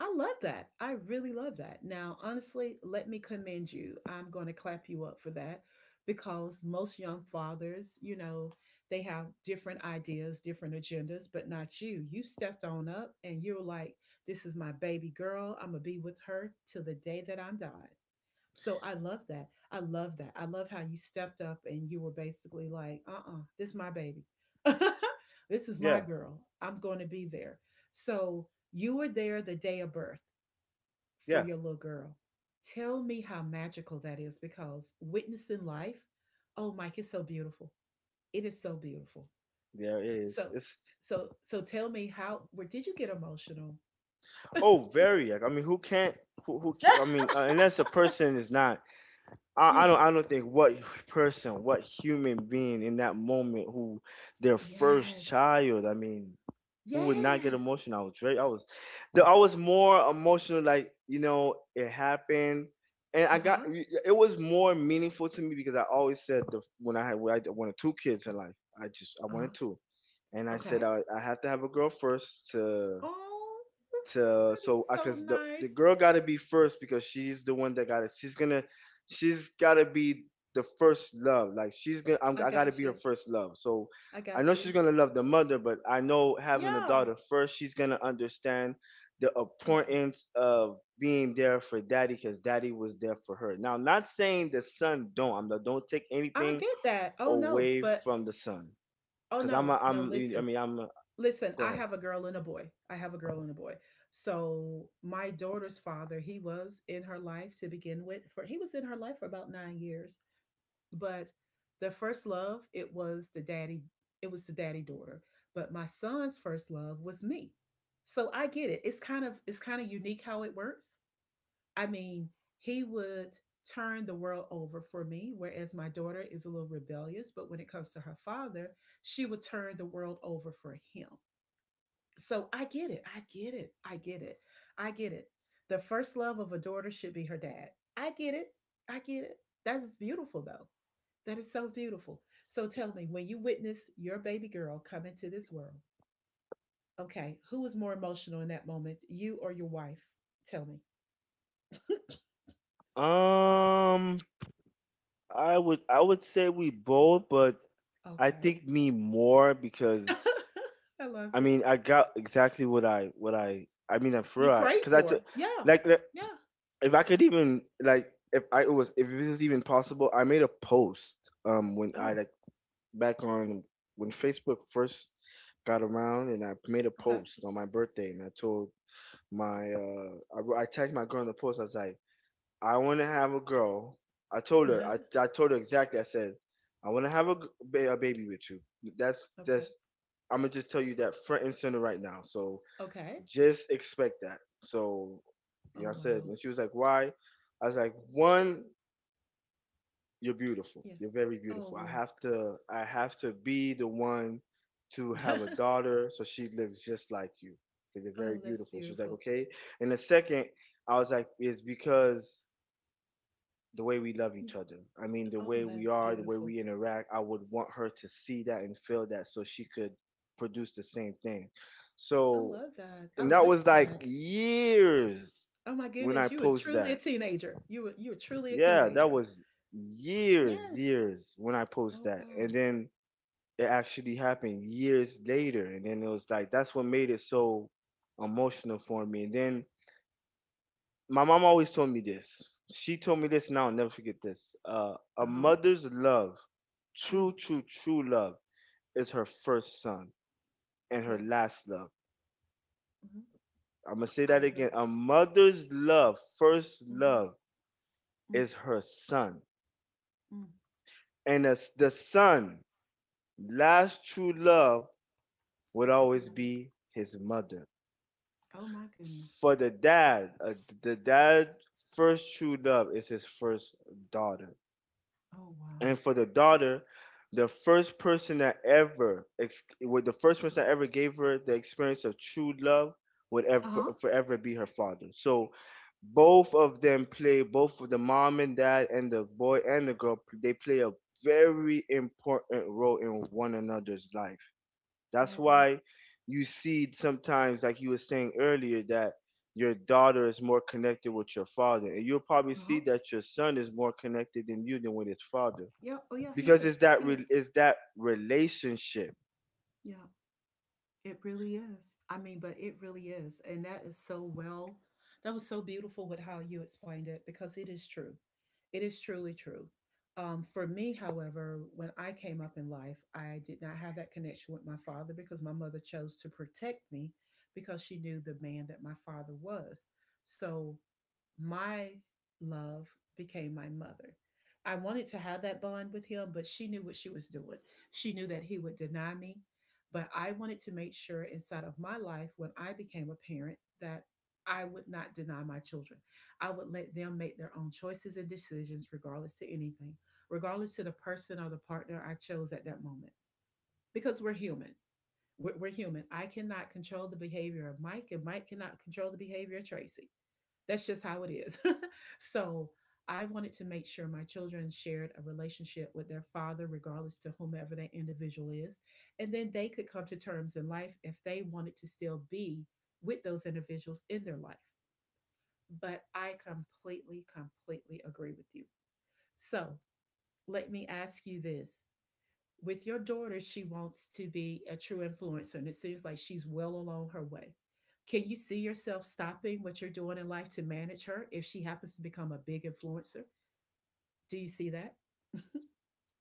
S1: I love that. I really love that. Now, honestly, let me commend you. I'm going to clap you up for that because most young fathers, you know, they have different ideas, different agendas, but not you. You stepped on up and you're like, this is my baby girl. I'm going to be with her till the day that I'm died. So I love that. I love that. I love how you stepped up and you were basically like, this is my baby. this is my
S2: Yeah,
S1: girl. I'm going to be there. So you were there the day of birth for
S2: yeah.
S1: your little girl. Tell me how magical that is because witnessing life, oh Mike, it's so beautiful. It is so beautiful.
S2: There is.
S1: So
S2: Its.
S1: so tell me how where did you get emotional?
S2: Oh, very. Like, I mean, who can't? I mean, unless a person is not. I
S1: yeah.
S2: don't. I don't think what person, what human being in that moment, who their first
S1: Yes.
S2: child. I mean, who would not get
S1: Yes.
S2: emotional? I was. I was. I was more emotional. Like you know, it happened, and I got.
S1: Uh-huh.
S2: It was more meaningful to me because I always said the when I had when I wanted two kids in life. I wanted
S1: Uh-huh.
S2: two, and I said
S1: Okay.
S2: I have to have a girl first to
S1: Oh,
S2: to
S1: that is
S2: so I
S1: so
S2: cause the
S1: nice.
S2: girl gotta be first because she's the one that got it. She's gotta be the first love. Like she's gonna
S1: I
S2: I gotta
S1: got
S2: be her
S1: you.
S2: first love. So
S1: I
S2: I know
S1: got
S2: she's
S1: you.
S2: gonna love the mother, but I know having a
S1: Yeah.
S2: daughter first, she's gonna understand the
S1: Yeah.
S2: importance of being there for daddy because daddy was there for her. Now, not saying the son don't. I'm not, don't take
S1: I
S2: anything
S1: did that. Oh no,
S2: away
S1: but
S2: from the son
S1: oh
S2: because
S1: no, no,
S2: I
S1: listen.
S2: mean
S1: Listen,
S2: go
S1: I
S2: ahead.
S1: have a girl and a boy. I have a girl and a boy. So my daughter's father, he was in her life to begin with. For he was in her life for about 9 years. But the first love, it was the daddy. It was the daddy daughter. But my son's first love was me. So I get it. It's kind of unique how it works. I mean, he would turn the world over for me, whereas my daughter is a little rebellious. But when it comes to her father, she would turn the world over for him. So I get it. I get it. I get it. I get it. The first love of a daughter should be her dad. I get it. I get it. That is beautiful, though. That is so beautiful. So tell me, when you witness your baby girl come into this world, okay, who was more emotional in that moment, you or your wife? Tell me.
S2: Um, I would say we both, but I
S1: Okay.
S2: think me more because
S1: I love
S2: I
S1: it.
S2: mean I got exactly what I mean I'm
S1: You
S2: sure I
S1: prayed
S2: because I
S1: for.
S2: took
S1: Her. Yeah.
S2: like,
S1: Yeah.
S2: if I could even like if I it was, if it was even possible, I made a post when I
S1: Oh,
S2: like back on when Facebook first got around, and I made a
S1: okay.
S2: post on my birthday, and I told my I tagged my girl in the post. I was like, I want to have a girl. I told her. I told her exactly. I said, I want to have a, a baby with you. That's
S1: okay.
S2: that's. I'm gonna just tell you that front and center right now. So
S1: Okay.
S2: just expect that. So, you
S1: Oh,
S2: know, I said,
S1: wow.
S2: and she was like, why? I was like, one, you're beautiful.
S1: Yes.
S2: You're very beautiful. I
S1: Oh.
S2: have to. I have to be the one to
S1: oh,
S2: have a daughter, so she looks just like you. 'Cause you're very
S1: that's
S2: beautiful. She was like,
S1: beautiful.
S2: okay. And the second, I was like, is because the way we love
S1: Yes.
S2: each other. I mean, the
S1: Oh,
S2: way we
S1: that's
S2: are, the way
S1: beautiful.
S2: we interact. I would want her to see that and feel that so she could produce the same thing.
S1: I
S2: So,
S1: love that. I
S2: and that
S1: like
S2: was like
S1: that.
S2: years
S1: Oh my
S2: when I
S1: goodness, you was
S2: post
S1: truly a
S2: that.
S1: teenager. You were truly a
S2: Yeah, that
S1: teenager.
S2: was years,
S1: Yeah.
S2: years when I post
S1: Oh
S2: that. And
S1: wow.
S2: then it actually happened years later. And then it was like, that's what made it so emotional for me. And then my mom always told me this. She told me this, and I'll never forget this. A
S1: Uh huh.
S2: mother's love,
S1: Oh
S2: true love, is her first son and her
S1: yeah.
S2: last love.
S1: Hmm.
S2: I'm gonna say
S1: I
S2: that
S1: agree.
S2: again. A mother's love, first
S1: Mm-hmm.
S2: love,
S1: Mm.
S2: is her son,
S1: Mm.
S2: and as the son, last true love would
S1: It's his
S2: always
S1: mother.
S2: be his mother.
S1: Oh my goodness.
S2: For the dad' first true love is his first daughter.
S1: Oh wow.
S2: And for the daughter, the first person that ever, ex- with the first person that ever gave her the experience of true love would
S1: Uh
S2: ever
S1: huh.
S2: forever be her father. So both of them play, both of the mom and dad and the boy and the girl, they play a very important role in one another's life.
S1: I
S2: That's
S1: agree.
S2: why you see sometimes, like you were saying earlier, that your daughter is more connected with your father. And you'll probably
S1: Uh
S2: see
S1: huh.
S2: that your son is more connected than you than with his father
S1: Yeah. Oh yeah. He
S2: because it's
S1: is.
S2: that
S1: He is.
S2: it's that relationship.
S1: Yeah. It really is. I mean, but it really is. And that is so well, that was so beautiful with how you explained it because it is true. It is truly true. For me, however, when I came up in life, I did not have that connection with my father because my mother chose to protect me because she knew the man that my father was. So my love became my mother. I wanted to have that bond with him, but she knew what she was doing. She knew that he would deny me. But I wanted to make sure inside of my life, when I became a parent, that I would not deny my children. I would let them make their own choices and decisions, regardless to anything, regardless to the person or the partner I chose at that moment, because we're human. We're human. I cannot control the behavior of Mike, and Mike cannot control the behavior of Tracy. That's just how it is. so I wanted to make sure my children shared a relationship with their father, regardless to whomever that individual is. And then they could come to terms in life if they wanted to still be with those individuals in their life. But I completely, completely agree with you. So let me ask you this with your daughter, she wants to be a true influencer, and it seems like she's well along her way. Can you see yourself stopping what you're doing in life to manage her if she happens to become a big influencer? Do you see that?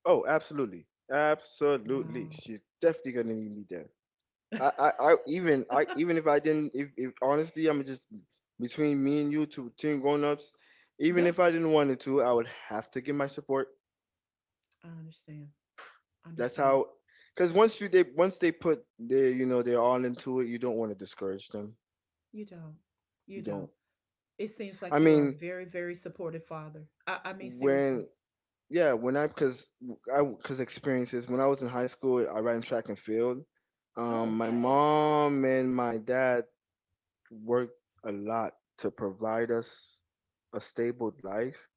S2: Oh, absolutely, absolutely.
S1: Wow.
S2: She's definitely gonna need me there. I even if I didn't if honestly I'm just between me and you two teen grown ups, even
S1: yeah,
S2: if I didn't want it to, I would have to give my support.
S1: I understand.
S2: That's
S1: Understand.
S2: how, because once you they once they put their you know they're all into it, you don't want to discourage them.
S1: You don't. You
S2: You
S1: don't.
S2: don't.
S1: It seems
S2: I
S1: like you are a
S2: mean
S1: very, very supportive father. I mean, seriously.
S2: when, yeah, when I because experiences when I was in high school, I ran track and field.
S1: Oh,
S2: My
S1: okay.
S2: mom and my dad worked a lot to provide us a stable life,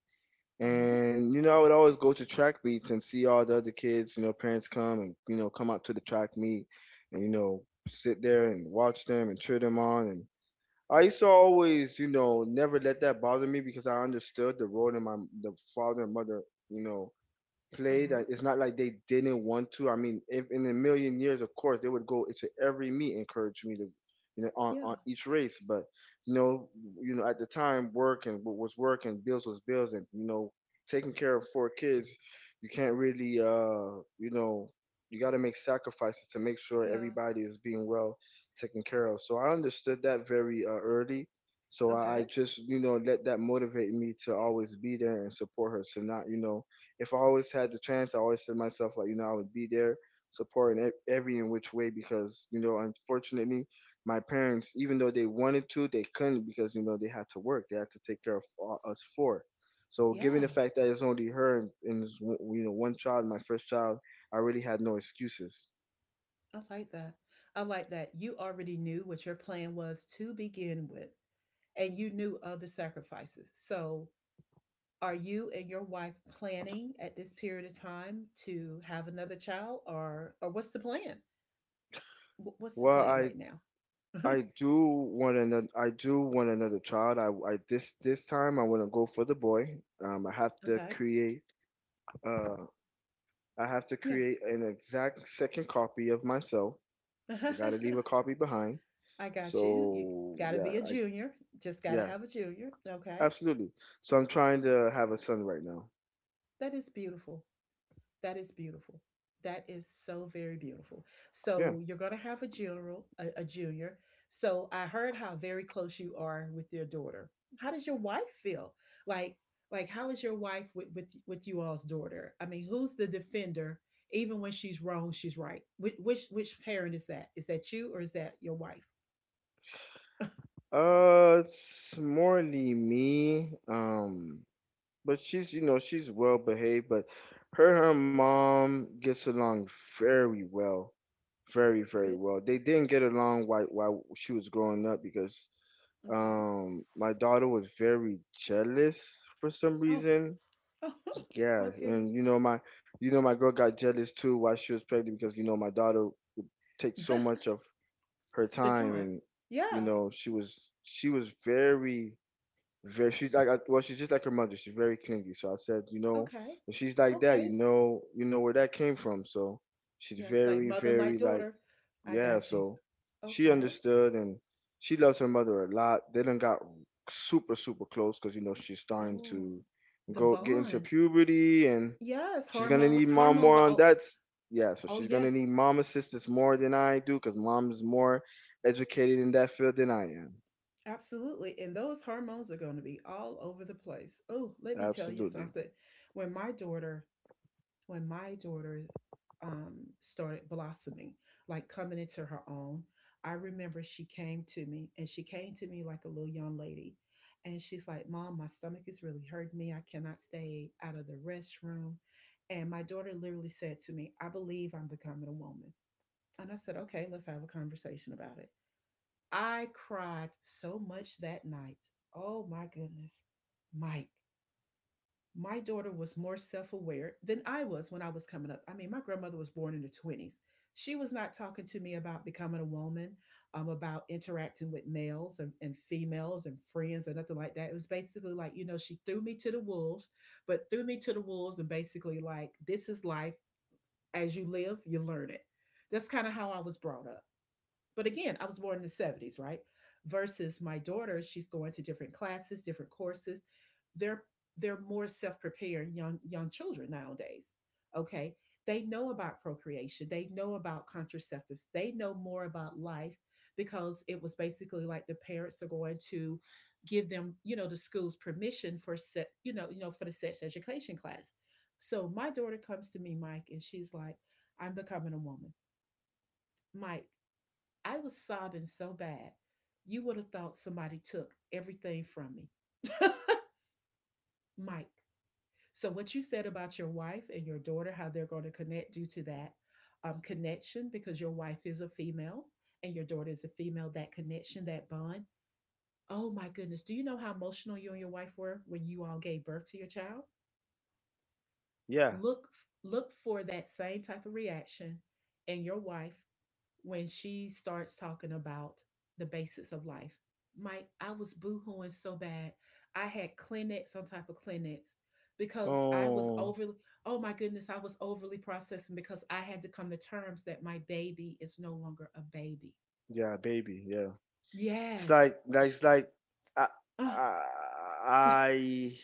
S1: Uh huh.
S2: and you know I would always go to track meets and see all the other kids. You know, parents come and you know come out to the track meet and you know sit there and watch them and cheer them on. And I used to always you know never let that bother me because I understood the role that my the father and mother you know
S1: Uh
S2: played.
S1: huh.
S2: It's not like they didn't want to. I mean, if in a million years, of course, they would go into every meet, encourage me to, you know,
S1: Yeah.
S2: on each race. But you know, at the time, work and what was work and bills was bills, and taking care of four kids, you can't really, you got to make sacrifices to make sure
S1: Yeah.
S2: everybody is being well taken care of. So I understood that very early. So I
S1: Okay.
S2: just, let that motivate me to always be there and support her. So not, if I always had the chance, I always said to myself, like, I would be there supporting every in which way because, unfortunately, my parents, even though they wanted to, they couldn't because, they had to work. They had to take care of us four. So, given
S1: Yeah.
S2: the fact that it's only her and it's, one child, my first child, I really had no excuses.
S1: I like that. I like that. You already knew what your plan was to begin with, and you knew of the sacrifices. So, are you and your wife planning at this period of time to have another child, or what's the plan? What's the
S2: Well,
S1: plan
S2: I.
S1: right now?
S2: I do want another. I do want another child. I, this time I want to go for the boy. I have to
S1: okay,
S2: create uh, I have to
S1: yeah,
S2: create an exact second copy of myself. I gotta leave a copy behind.
S1: I got you. You
S2: So
S1: got to
S2: yeah,
S1: be a
S2: I
S1: junior. Just got to
S2: yeah,
S1: have a junior. Okay,
S2: absolutely. So I'm trying to have a son right now.
S1: that is beautiful. That is beautiful. That is so very beautiful.
S2: Yeah.
S1: So you're going to have a junior, a junior. So I heard how very close you are with your daughter. How does your wife feel? Like, like how is your wife with with you all's daughter? I mean, who's the defender even when she's wrong, she's right. Which which parent is that? Is that you or is that your wife?
S2: Uh, it's morely me. But she's she's well behaved, but her and her mom gets along very well. Very, very
S1: Really?
S2: well. They didn't get along while she was growing up because
S1: Okay.
S2: My daughter was very jealous for some
S1: Oh,
S2: reason. Yeah,
S1: oh, goodness.
S2: and you know my girl got jealous too while she was pregnant because my daughter takes so much of her
S1: the
S2: time
S1: time.
S2: and
S1: Yeah.
S2: she was very very she's like well she's just like her mother, she's very clingy. So I said,
S1: Okay.
S2: and she's like that, you
S1: Okay.
S2: know you know where that came from. So she's
S1: Yeah. Like
S2: very
S1: mother,
S2: very
S1: like
S2: like
S1: daughter. I
S2: yeah,
S1: got you.
S2: so she
S1: Okay.
S2: understood and she loves her mother a lot. They done got super, super close because she's starting
S1: Oh,
S2: to
S1: the
S2: go get into
S1: bond.
S2: puberty and
S1: Yes,
S2: she's gonna
S1: hormones.
S2: need mom
S1: Hormones
S2: more
S1: are.
S2: on
S1: All-
S2: that. Yeah, so
S1: Oh,
S2: she's gonna
S1: yes,
S2: need mom assistance more than I do because mom is more educated in that field than I am.
S1: absolutely. And those hormones are going to be all over the place. Oh, let me tell you
S2: Absolutely.
S1: something. When my daughter, when my daughter, started blossoming, like coming into her own, I remember she came to me, and she came to me like a little young lady, and she's like, "Mom, my stomach is really hurting me. I cannot stay out of the restroom." And my daughter literally said to me, "I believe I'm becoming a woman." And I said, "Okay, let's have a conversation about it." I cried so much that night. Oh my goodness. Mike, my daughter was more self aware than I was when I was coming up. I mean, my grandmother was born in the 20s. She was not talking to me about becoming a woman, about interacting with males and females and friends or nothing like that. It was basically like, you know, she threw me to the wolves, but threw me to the wolves and basically like, this is life. As you live, you learn it. That's kind of how I was brought up. But again, I was born in the 70s, right? Versus my daughter, she's going to different classes, different courses. They're they're more self-prepared young children nowadays. Okay? They know about procreation, they know about contraceptives, they know more about life because it was basically like the parents are going to give them, you know, the school's permission for set, you know, for the sex education class. So my daughter comes to me, Mike, and she's like, I'm becoming a woman. Mike, I was sobbing so bad, you would have thought somebody took everything from me. Mike. So, what you said about your wife and your daughter, how they're going to connect due to that connection, because your wife is a female and your daughter is a female, that connection, that bond. Oh my goodness. Do you know how emotional you and your wife were when you all gave birth to your child?
S2: Yeah.
S1: Look, look for that same type of reaction in your wife when she starts talking about the basics of life. Mike, I was boohooing so bad. I had Kleenex, some type of Kleenex, because I was
S2: Oh,
S1: overly, oh my goodness, I was overly processing because I had to come to terms that my baby is no longer a baby.
S2: yeah, baby. Yeah. It's
S1: Yes.
S2: like, it's like,
S1: Ah,
S2: I, I,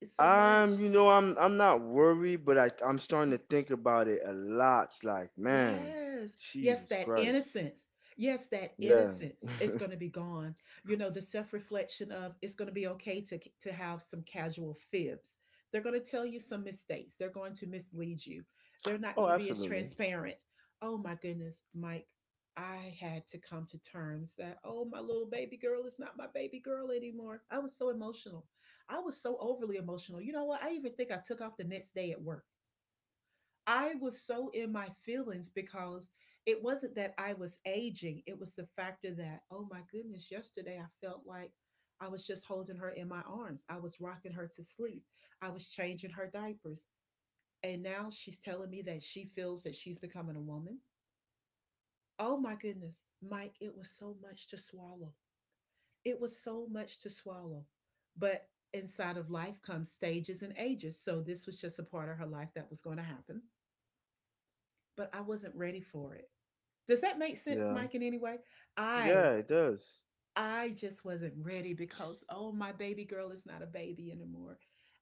S1: it's so much.
S2: You know, I'm not worried, but I'm starting to think about it a lot. It's like, man,
S1: Yes. Yes,
S2: Jesus
S1: that
S2: Christ.
S1: innocence. Yes, that
S2: Yeah.
S1: innocence is going to be gone. You know, the self-reflection of it's going to be okay to have some casual fibs. They're going to tell you some mistakes. They're going to mislead you. They're not
S2: Oh,
S1: going to be as
S2: absolutely.
S1: transparent. Oh my goodness, Mike, I had to come to terms that oh, my little baby girl is not my baby girl anymore. I was so emotional. I was so overly emotional. You know what? I even think I took off the next day at work I was so in my feelings because it wasn't that I was aging. It was the factor that, oh my goodness, yesterday I felt like I was just holding her in my arms. I was rocking her to sleep. I was changing her diapers. And now she's telling me that she feels that she's becoming a woman. Oh my goodness, Mike, it was so much to swallow. It was so much to swallow. But inside of life comes stages and ages. So this was just a part of her life that was going to happen. But I wasn't ready for it. Does that make sense,
S2: Yeah.
S1: Mike, in any way? I
S2: Yeah, it does.
S1: I just wasn't ready because oh, my baby girl is not a baby anymore.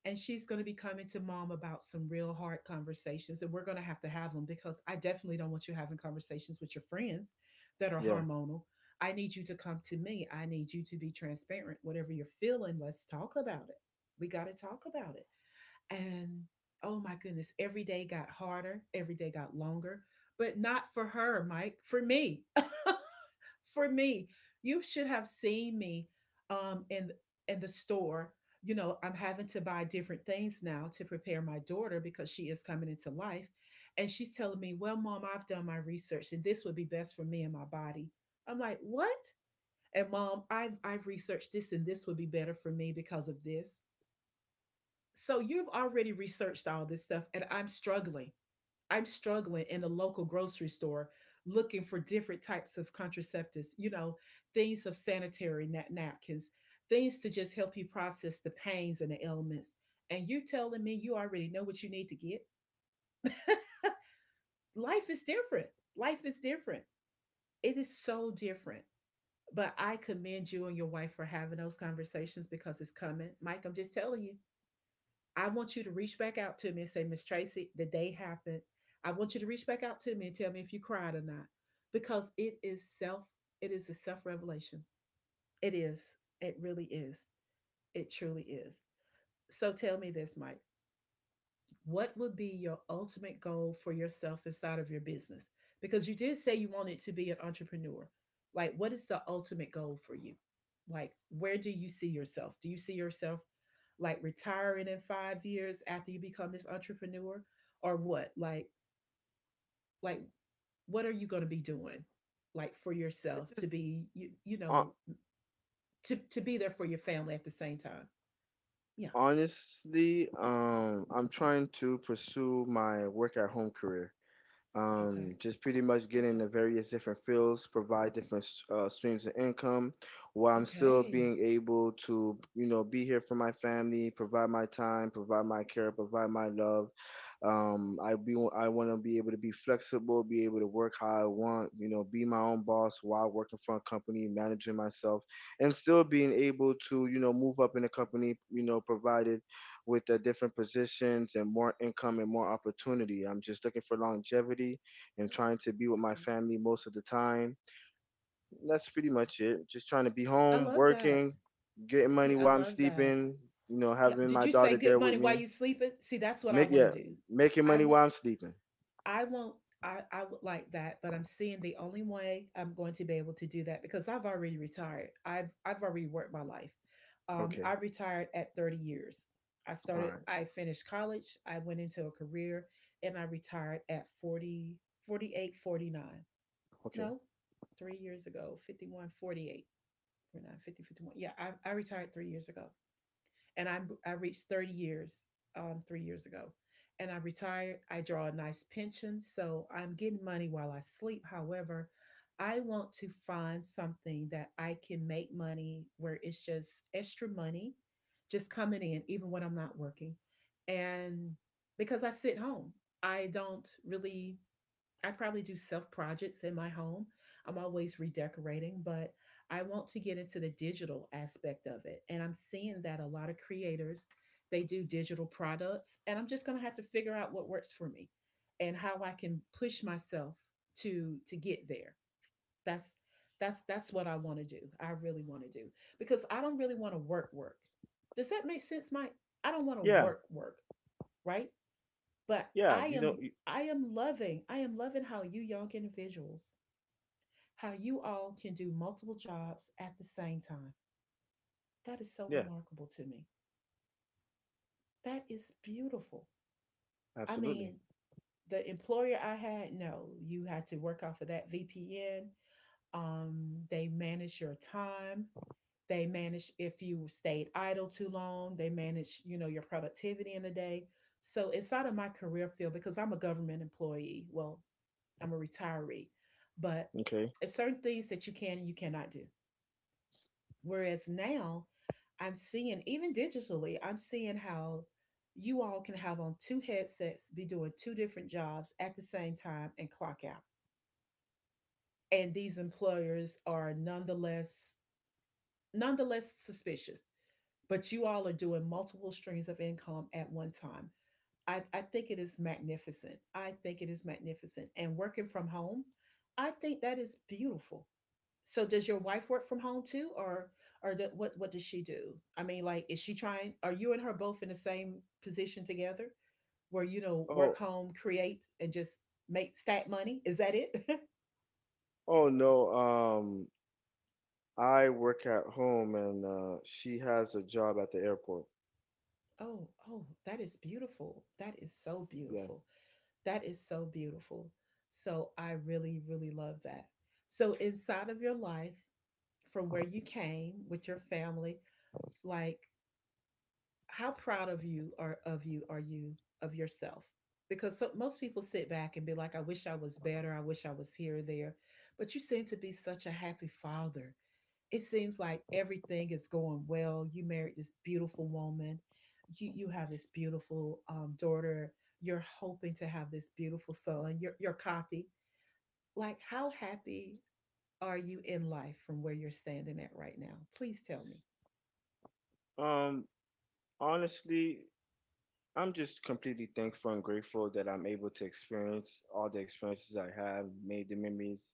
S1: And she's going to be coming to mom about some real hard conversations, and we're going to have them because I definitely don't want you having conversations with your friends that are
S2: Yeah.
S1: hormonal. I need you to come to me. I need you to be transparent. Whatever you're feeling, let's talk about it. We got to talk about it, and oh my goodness, every day got harder, every day got longer, but not for her, Mike, for me. For me, you should have seen me um in in the store. You know, I'm having to buy different things now to prepare my daughter because she is coming into life. And she's telling me, Well, mom, I've done my research and this would be best for me and my body. I'm like, What? And mom, I've researched this and this would be better for me because of this, so you've already researched all this stuff, and I'm struggling, I'm struggling in the local grocery store looking for different types of contraceptives, you know, things of sanitary napkins, things to just help you process the pains and the ailments, and you telling me you already know what you need to get. Life is different. Life is different. It is so different. But I commend you and your wife for having those conversations, because it's coming, Mike, I'm just telling you. I want you to reach back out to me and say, Miss Tracy, the day happened. I want you to reach back out to me and tell me if you cried or not. Because it is a self-revelation. It is. It really is. It truly is. So tell me this, Mike, what would be your ultimate goal for yourself inside of your business? Because you did say you wanted to be an entrepreneur. Like, what is the ultimate goal for you? Like, where do you see yourself? Do you see yourself like retiring in 5 years after you become this entrepreneur, or what? Like, like, what are you going to be doing, like, for
S2: I
S1: yourself to
S2: just-
S1: be you,
S2: Hon-
S1: to be there for your family at the same time? Yeah.
S2: Honestly, I'm trying to pursue my work at home career.
S1: Okay.
S2: Just pretty much get in
S1: Okay.
S2: the various different fields, provide different streams of income, while I'm still
S1: Okay.
S2: being able to, you know, be here for my family, provide my time, provide my care, provide my love. I want to be able to be flexible, be able to work how I want, you know, be my own boss while working for a company, managing myself, and still being able to, you know, move up in the company, you know, provided with the different positions and more income and more opportunity. I'm just looking for longevity and trying to be with my
S1: Okay.
S2: family most of the time. That's pretty much it. Just trying to be
S1: I
S2: home,
S1: love that.
S2: working, getting money
S1: See, I
S2: while I'm
S1: love that.
S2: sleeping, you know,
S1: Yeah.
S2: having
S1: Did
S2: my
S1: you say
S2: daughter
S1: good
S2: there with
S1: money while
S2: me.
S1: you sleeping? See, that's what I
S2: Make
S1: want to
S2: yeah,
S1: do.
S2: making
S1: I
S2: money
S1: want
S2: while I'm sleeping.
S1: I want I would like that, but I'm seeing the only way I'm going to be able to do that, because I've already retired. I've already worked my life.
S2: Okay.
S1: I retired at 30 years.
S2: All right.
S1: I finished college, I went into a career, and I retired at 40, 48, 49.
S2: Okay.
S1: No, 3 years ago, 51, 48, 49, 50, 51. Yeah, I retired 3 years ago, and I reached 30 years 3 years ago, and I retired. I draw a nice pension, so I'm getting money while I sleep. However, I want to find something that I can make money where it's just extra money, just coming in even when I'm not working, and because I sit home, I don't really I probably do self projects in my home. I'm always redecorating, but I want to get into the digital aspect of it. And I'm seeing that a lot of creators, they do digital products, and I'm just going to have to figure out what works for me and how I can push myself to get there. That's that's what I want to do. I really want to do, because I don't really want to work work. Does that make sense, Mike? I don't want to
S2: Yeah.
S1: work work, right? But
S2: Yeah.
S1: I
S2: You don't
S1: am
S2: you,
S1: I am loving, I am loving how you young individuals, how you all can do multiple jobs at the same time. That is so
S2: yeah,
S1: remarkable to me. That is beautiful. I
S2: absolutely.
S1: mean, the employer I had, no, you had to work off of that VPN. They manage your time. They manage if you stayed idle too long. They manage, your productivity in the day. So inside of my career field, because I'm a government employee, well, I'm a retiree. But
S2: Okay.
S1: it's certain things that you can and you cannot do. Whereas now I'm seeing, even digitally, I'm seeing how you all can have on two headsets, be doing two different jobs at the same time and clock out. And these employers are nonetheless suspicious. But you all are doing multiple streams of income at one time. I think it is magnificent. I think it is magnificent. And working from home, I think that is beautiful. So does your wife work from home too, or what does she do? I mean, like, is she trying? Are you and her both in the same position together, where work
S2: Oh,
S1: home, create, and just make stat money? Is that it?
S2: oh no. I work at home and uh, she has a job at the airport.
S1: Oh, that is beautiful. That is so
S2: Yeah.
S1: beautiful. That is so beautiful. So I really, really love that. So inside of your life, from where you came with your family, like, how proud of you are you of yourself, because so, most people sit back and be like, I wish I was better, I wish I was here or there, but you seem to be such a happy father. It seems like everything is going well. You married this beautiful woman. You have this beautiful daughter. You're hoping to have this beautiful son, your copy. Like, how happy are you in life from where you're standing at right now? Please tell me.
S2: Um, honestly, I'm just completely thankful and grateful that I'm able to experience all the experiences I have, made the memories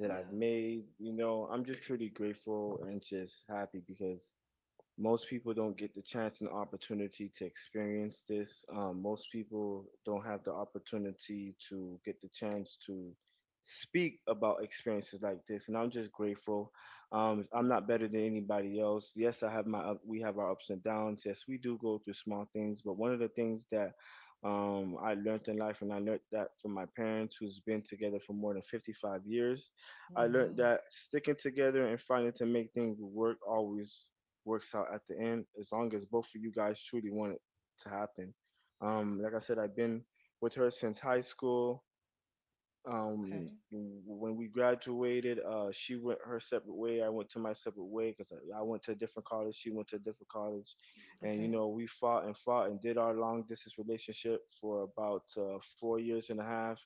S2: that I've
S1: Yeah.
S2: made. You know, I'm just truly grateful and just happy because most people don't get the chance and opportunity to experience this. Most people don't have the opportunity to get the chance to speak about experiences like this, and I'm just grateful. I'm
S1: Yeah.
S2: not better than anybody else. Yes, I have my up, we have our ups and downs. Yes, we do go through small things, but one of the things that I learned in life, and I learned that from my parents, who's been together for more than 55 years.
S1: Oh,
S2: I learned
S1: wow.
S2: that sticking together and finding to make things work always works out at the end, as long as both of you guys truly want it to happen. Like I said, I've been with her since high school.
S1: Okay.
S2: When we graduated, she went her separate way. I went to my separate way because I went to a different college. She went to a different college, and you
S1: Okay.
S2: know we fought and fought and did our long distance relationship for about 4 years and a half.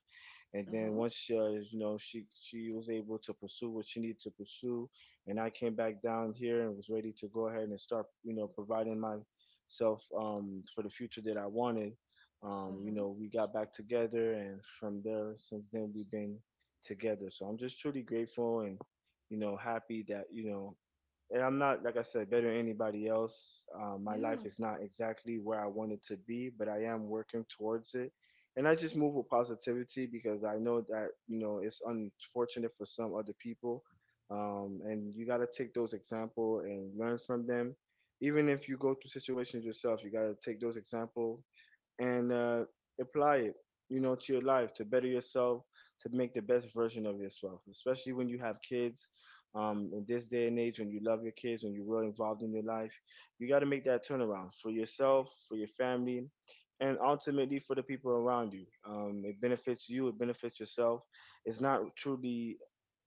S2: And then
S1: Uh-huh.
S2: once you know she was able to pursue what she needed to pursue, and I came back down here and was ready to go ahead and start you know providing myself for the future that I wanted. You
S1: Uh-huh.
S2: know we got back together, and from there since then we've been together. So I'm just truly grateful and you know happy that you know, and I'm not, like I said, better than anybody else. My life
S1: Yeah.
S2: is not exactly where I want it to be, but I am working towards it. And I just move with positivity because I know that, you know, it's unfortunate for some other people. And you got to take those example and learn from them. Even if you go through situations yourself, you got to take those example and apply it, you know, to your life to better yourself, to make the best version of yourself, especially when you have kids. In this day and age, when you love your kids, when you're really involved in your life, you got to make that turnaround for yourself, for your family, and ultimately for the people around you. It benefits you, it benefits yourself. It's not truly,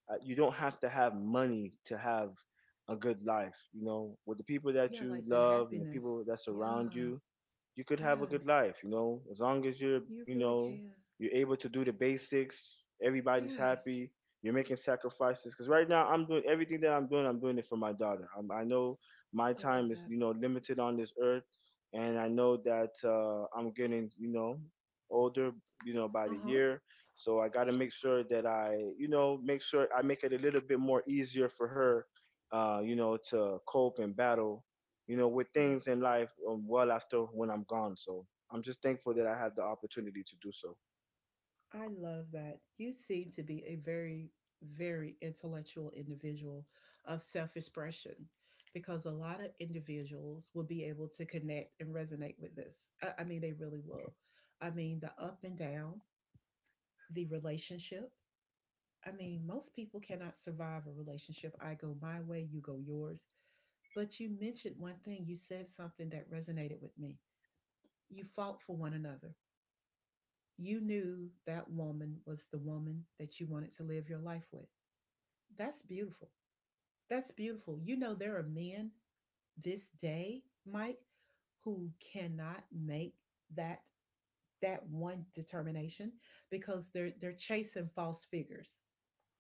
S2: you don't have to have money to have a good life, you know, with the people that
S1: Yeah,
S2: you
S1: like the
S2: love and the people
S1: happiness.
S2: that
S1: Yeah.
S2: surround you. You could have a
S1: Yes.
S2: good life, you know, as long as you're,
S1: You
S2: you
S1: really
S2: know,
S1: can.
S2: you're able to do the basics, everybody's
S1: Yes.
S2: happy, you're making sacrifices. Because right now, I'm doing everything that I'm doing it for my daughter. I know my
S1: I love
S2: time is,
S1: that.
S2: you know, limited on this earth, and I know that I'm getting, you know, older, you know, by the
S1: Uh-huh.
S2: year. So I got to make sure that I, you know, make sure I make it a little bit more easier for her, you know, to cope and battle you know, with things
S1: Yes.
S2: in life well after when I'm gone. So I'm just thankful that I had the opportunity to do so.
S1: I love that. You seem to be a very, very intellectual individual of self-expression, because a lot of individuals will be able to connect and resonate with this. I mean, they really will. I mean, the up and down, the relationship, I mean, most people cannot survive a relationship. I go my way, you go yours. But you mentioned one thing. You said something that resonated with me. You fought for one another. You knew that woman was the woman that you wanted to live your life with. That's beautiful. That's beautiful. You know, there are men this day, Mike, who cannot make that that one determination, because they're chasing false figures.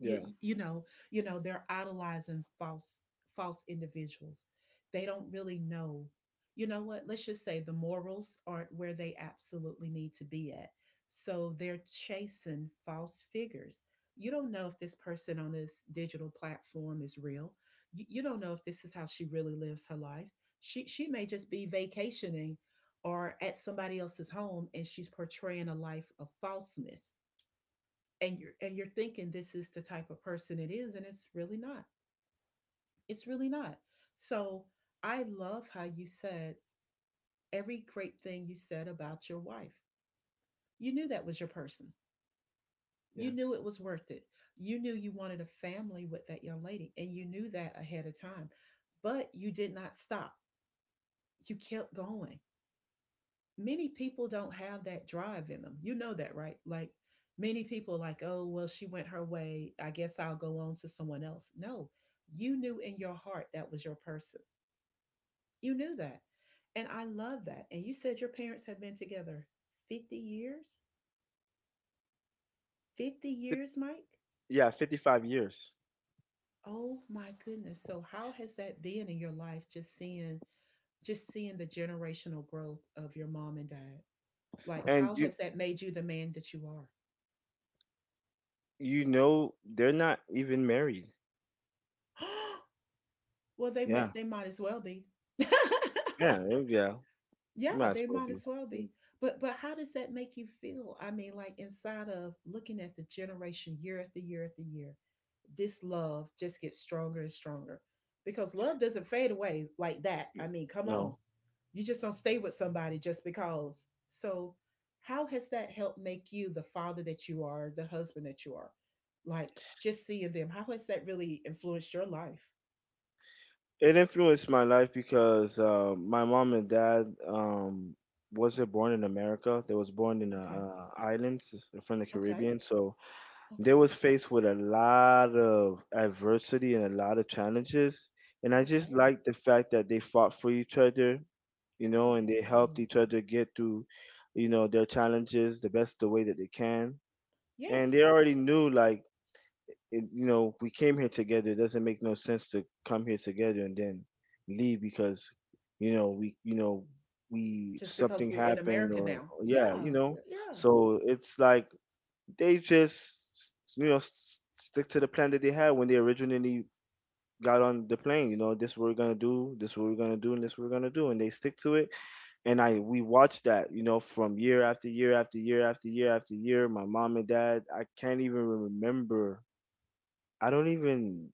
S2: Yeah,
S1: You know, they're idolizing false individuals. They don't really know, you know what, let's just say the morals aren't where they absolutely need to be at. So they're chasing false figures. You don't know if this person on this digital platform is real. You don't know if this is how she really lives her life. She may just be vacationing or at somebody else's home, and she's portraying a life of falseness. And you're thinking this is the type of person it is, and it's really not. It's really not. So I love how you said, every great thing you said about your wife, you knew that was your person. You
S2: yeah,
S1: knew it was worth it. You knew you wanted a family with that young lady, and you knew that ahead of time. But you did not stop. You kept going. Many people don't have that drive in them. You know that, right? Like, many people like, "Oh, well, she went her way. I guess I'll go on to someone else." No. You knew in your heart that was your person. You knew that. And I love that. And you said your parents have been together 50 years? 50
S2: Fif-
S1: years, Mike?
S2: yeah. 55 years,
S1: Oh my goodness. So how has that been in your life, just seeing the generational growth of your mom and dad? Like,
S2: and
S1: how
S2: you
S1: has that made you the man that you are?
S2: you know they're not even married.
S1: Well,
S2: Yeah,
S1: they might as well be.
S2: yeah, eh, yeah.
S1: Yeah,
S2: Might as
S1: they
S2: well
S1: might
S2: be.
S1: as well
S2: Mm,
S1: be. But how does that make you feel? I mean, like, inside of looking at the generation year after year after year, this love just gets stronger and stronger. Because love doesn't fade away like that.
S2: mm,
S1: I mean, come on.
S2: no,
S1: You just don't stay with somebody just because. So how has that helped make you the father that you are, the husband that you are? Like, just seeing them, how has that really influenced your life?
S2: it influenced my life because my mom and dad wasn't born in America. They was born in the
S1: Okay.
S2: islands from the
S1: Okay.
S2: Caribbean. So they
S1: Okay.
S2: was faced with a lot of adversity and a lot of challenges. And I just
S1: Okay.
S2: like the fact that they fought for each other, you know,
S1: Oh,
S2: and they
S1: wow.
S2: helped each other get through, you know, their challenges the best the way that they can. And
S1: Yes.
S2: they already knew like it, you know, we came here together. It doesn't make no sense to come here together and then leave because, you know, we
S1: Just because
S2: something
S1: we're in
S2: happened
S1: America
S2: or
S1: now.
S2: yeah, you
S1: Yeah.
S2: know.
S1: Yeah.
S2: So it's like they just you know stick to the plan that they had when they originally got on the plane. You know, this what we're gonna do, this what we're gonna do, and this what we're gonna do, and they stick to it. And I we watched that, you know, from year after year after year after year after year. My mom and dad, i don't even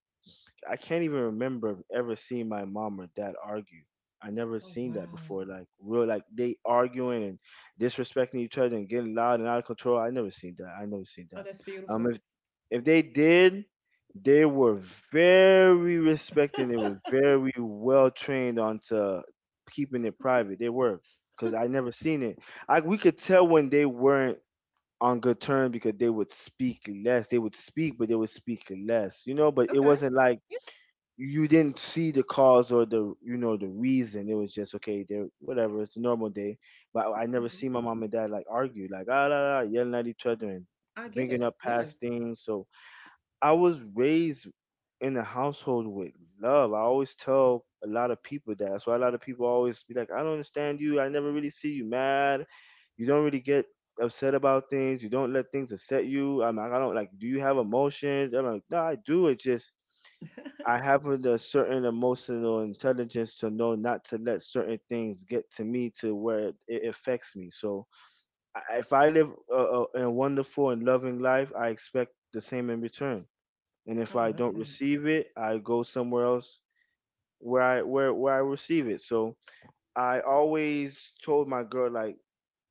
S2: I can't even remember ever seeing my mom or dad argue. I never
S1: Oh,
S2: seen that
S1: wow.
S2: before. Like real, like they arguing and disrespecting each other and getting loud and out of control. I never seen that. I never seen
S1: Oh,
S2: that.
S1: that's
S2: Um,
S1: beautiful.
S2: if if they did, they were very respecting. They were very well trained onto keeping it private. They were, cause I never seen it. I we could tell when they weren't on good terms because they would speak less. They would speak, but they would speak less. You know, but it
S1: Okay.
S2: wasn't like
S1: Yeah.
S2: you didn't see the cause or the you know the reason. It was just okay, there whatever. It's a normal day, but I never
S1: Mhm.
S2: see my mom and dad like argue, like ah la la, yelling at each other and
S1: I get
S2: bringing
S1: it.
S2: up past
S1: Yes.
S2: things. So I was raised in a household with love. I always tell a lot of people that. That's why a lot of people always be like, I don't understand you. I never really see you mad. You don't really get upset about things. You don't let things upset you. I'm like, I don't like. Do you have emotions? I'm like, no, I do. It just I have a the certain emotional intelligence to know not to let certain things get to me to where it affects me. So if I live a wonderful and loving life, I expect the same in return. And
S1: I
S2: if I
S1: love
S2: don't
S1: that.
S2: receive it, I go somewhere else where I receive it. So I always told my girl like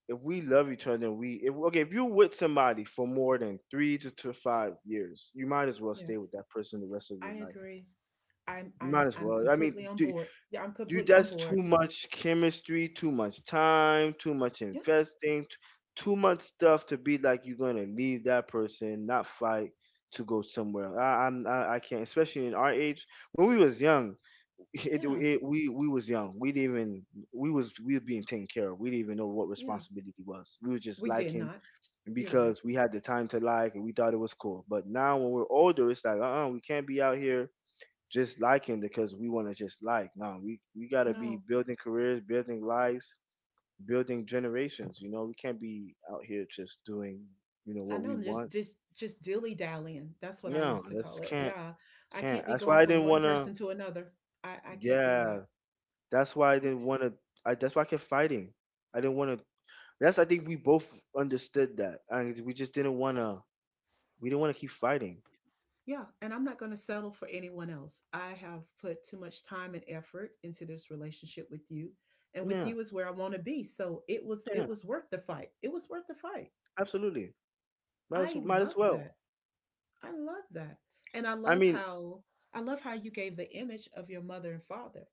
S2: if we love each other, we if okay if you're with somebody for more than 3 to 5 years, you might as well stay
S1: Yes.
S2: with that person the rest of your
S1: I
S2: life.
S1: agree. I'm
S2: You
S1: I'm
S2: might as
S1: I'm
S2: well. I
S1: completely
S2: mean,
S1: on board. Yeah, I'm
S2: dude,
S1: completely on
S2: that's too
S1: board.
S2: much chemistry, too much time, too much
S1: Yes.
S2: investing, too much stuff to be like you're gonna leave that person, not fight to go somewhere else. I can't, especially in our age. When we was young, it,
S1: Yeah.
S2: it, we was young. We didn't even we were being taken care of. We didn't even know what
S1: Yes.
S2: responsibility was. We were just
S1: We did
S2: liking
S1: not. You're right.
S2: because we had the time to like and we thought it was cool. But now when we're older, it's like we can't be out here just liking because we want to just like. No, we gotta be
S1: No.
S2: building careers, building lives, building generations. You know, we can't be out here just doing you know
S1: I
S2: what we
S1: know, just
S2: want.
S1: just just dilly dallying. That's what I
S2: No,
S1: used to
S2: that's
S1: call it.
S2: can't
S1: Yeah, I
S2: can't.
S1: can't be
S2: That's
S1: going
S2: why I
S1: from
S2: didn't
S1: one
S2: wanna.
S1: person to another. I can't do
S2: Yeah,
S1: that.
S2: that's why I didn't
S1: Okay.
S2: wanna. I that's why I kept fighting. I didn't wanna. That's I think we both understood that, and we just didn't wanna. We didn't wanna keep fighting.
S1: Yeah, and I'm not going to settle for anyone else. I have put too much time and effort into this relationship with you, and with
S2: Yeah,
S1: you is where I want to be. So it was
S2: yeah,
S1: it was worth the fight. It was worth the fight.
S2: absolutely. Might as
S1: I
S2: might as
S1: love
S2: well.
S1: that. I love that, and
S2: I mean,
S1: I love how you gave the image of your mother and father,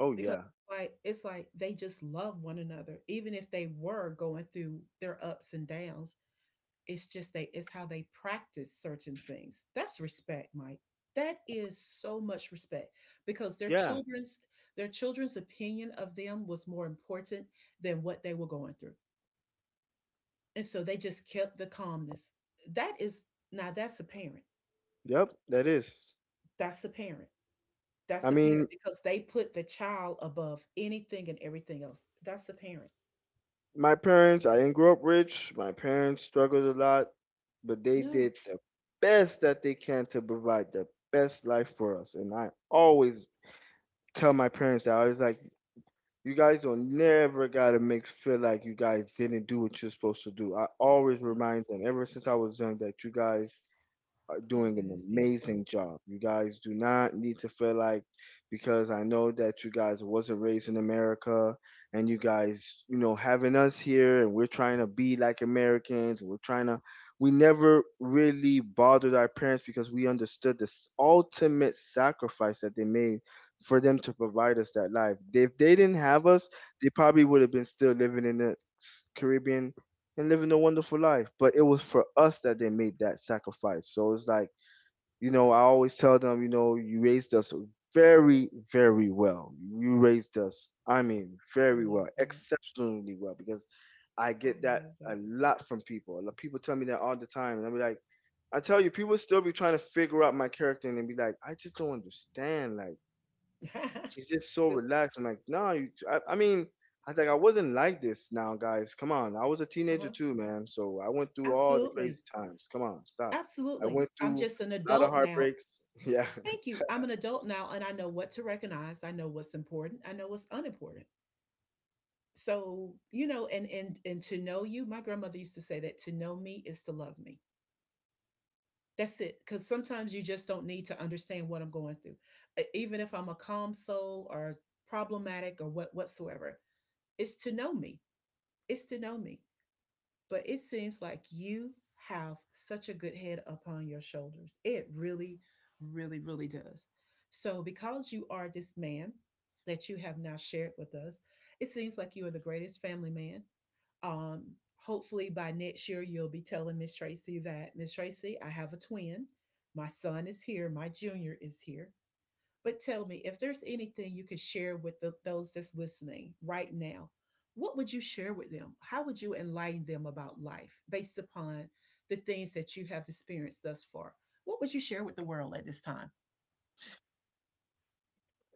S2: oh
S1: because
S2: yeah,
S1: like it's like they just love one another. Even if they were going through their ups and downs, it's just they it's how they practice certain things. That's respect, Mike. That is so much respect, because
S2: yeah,
S1: their children's opinion of them was more important than what they were going through, and so they just kept the calmness. That is, now that's a parent.
S2: yep. That is.
S1: That's a parent. That's
S2: I
S1: a parent
S2: mean,
S1: because they put the child above anything and everything else. That's a parent.
S2: my parents, I didn't grow up rich. My parents struggled a lot, but they
S1: Yeah,
S2: did the best that they can to provide the best life for us. And I always tell my parents that I was like, you guys don't never gotta make feel like you guys didn't do what you're supposed to do. I always
S1: yeah.
S2: remind them ever since I was young that you guys are
S1: Oh,
S2: doing
S1: that
S2: an
S1: is beautiful.
S2: amazing job. You guys do not need to feel like because I know that you guys wasn't raised in America and you guys, you know, having us here and we're trying to be like Americans, we're trying to we never really bothered our parents because we understood this ultimate sacrifice that they made for them to provide us that life. If they didn't have us, they probably would have been still living in the Caribbean and living a wonderful life. But it was for us that they made that sacrifice. So it's like, you know, I always tell them, you know, you raised us very, very well. You raised us, I mean,
S1: I
S2: very
S1: love
S2: well,
S1: that.
S2: exceptionally well, because I
S1: I
S2: get that
S1: love
S2: a
S1: that.
S2: lot from people. Like, people tell me that all the time. And I'll be like, I tell you, people still be trying to figure out my character and they be like, I just don't understand. Like, she's just so
S1: But,
S2: relaxed. I'm like, nah, you, I mean, I was like, I wasn't like this now, guys. Come on. I was a teenager
S1: uh-huh.
S2: too, man. So I went through all the crazy
S1: Absolutely.
S2: times. Come on, stop. I
S1: Absolutely.
S2: went
S1: I'm
S2: through
S1: just an
S2: a lot of
S1: adult now.
S2: heartbreaks. Yeah.
S1: Thank you. I'm an adult now, and I know what to recognize. I know what's important. I know what's unimportant. So, you know, and to know you, my grandmother used to say that to know me is to love me. That's it. Cuz sometimes you just don't need to understand what I'm going through. Even if I'm a calm soul or problematic or whatsoever. Is to know me. It's to know me. But it seems like you have such a good head upon your shoulders. It really, really, really does. So, because you are this man that you have now shared with us, it seems like you are the greatest family man. Hopefully, by next year, you'll be telling Miss Tracy that, Miss Tracy, I have a twin. My son is here, my junior is here. But tell me, if there's anything you could share with those that's listening right now, what would you share with them? How would you enlighten them about life based upon the things that you have experienced thus far? What would you share with the world at this time?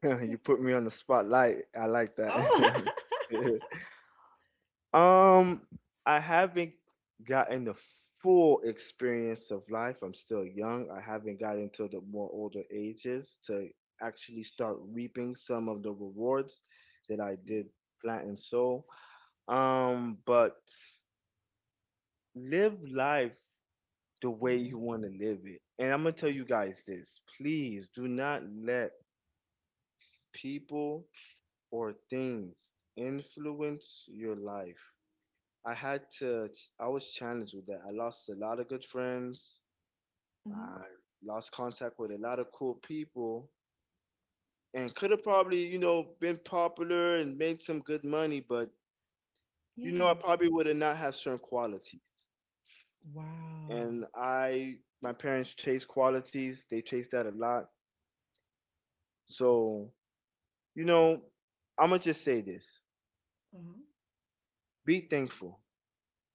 S1: Yeah.
S2: You put me on the spotlight. I like that.
S1: Oh,
S2: Um, I haven't gotten the full experience of life. I'm still young. I haven't gotten to the more older ages to actually start reaping some of the rewards that I
S1: yeah.
S2: did plant and sow. But live life the
S1: Oh,
S2: way you
S1: yes.
S2: want to live it. And I'm gonna tell you guys this. Please do not let people or things influence your life. I had to, I was challenged with that. I lost a lot of good friends.
S1: Hmm.
S2: I lost contact with a lot of cool people and could have probably, you know, been popular and made some good money, but, you know,
S1: Yeah.
S2: I probably would have not have certain qualities.
S1: Wow.
S2: And I, my parents chase qualities. They chase that a lot. So, you know, I'm going to just say this,
S1: Uh-huh.
S2: be thankful,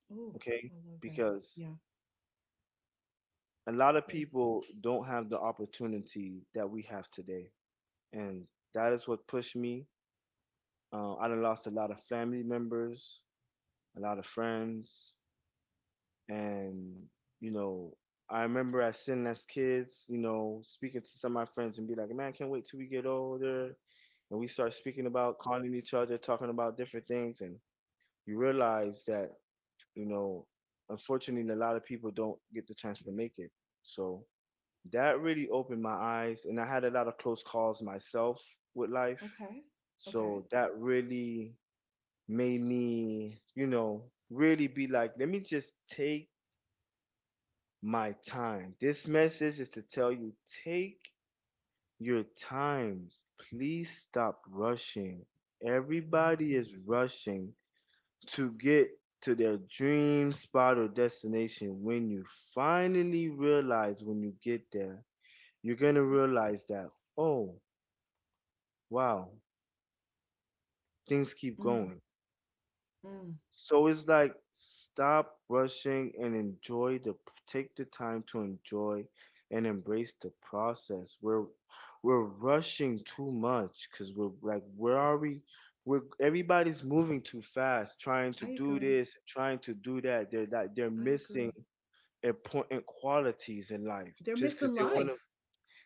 S1: Oh,
S2: okay?
S1: I love that.
S2: Because
S1: Yeah.
S2: a lot of
S1: Yes.
S2: people don't have the opportunity that we have today and that is what pushed me. I done lost a lot of family members, a lot of friends, and you know, I remember as sitting as kids, you know, speaking to some of my friends and be like, "Man, I can't wait till we get older," and we start speaking about calling each other, talking about different things, and you realize that you know, unfortunately, a lot of people don't get the chance to make it. So that really opened my eyes, and I had a lot of close calls myself with life.
S1: Okay. Okay.
S2: So that really made me, you know, really be like, let me just take my time. This message is to tell you take your time. Please stop rushing.
S1: I love
S2: Everybody is
S1: that.
S2: rushing to get to their dream spot or destination. When you finally realize when you get there, you're going to realize that, oh, wow, things keep
S1: Mhm.
S2: going.
S1: Mm, mm.
S2: So it's like stop rushing and enjoy the take the time to enjoy and embrace the process. We're rushing too much because we're like where are we? We're everybody's moving too fast, trying to
S1: I
S2: do
S1: agree.
S2: this, trying to do that. They're
S1: I
S2: missing
S1: agree.
S2: important qualities in life
S1: They're
S2: just because
S1: missing life.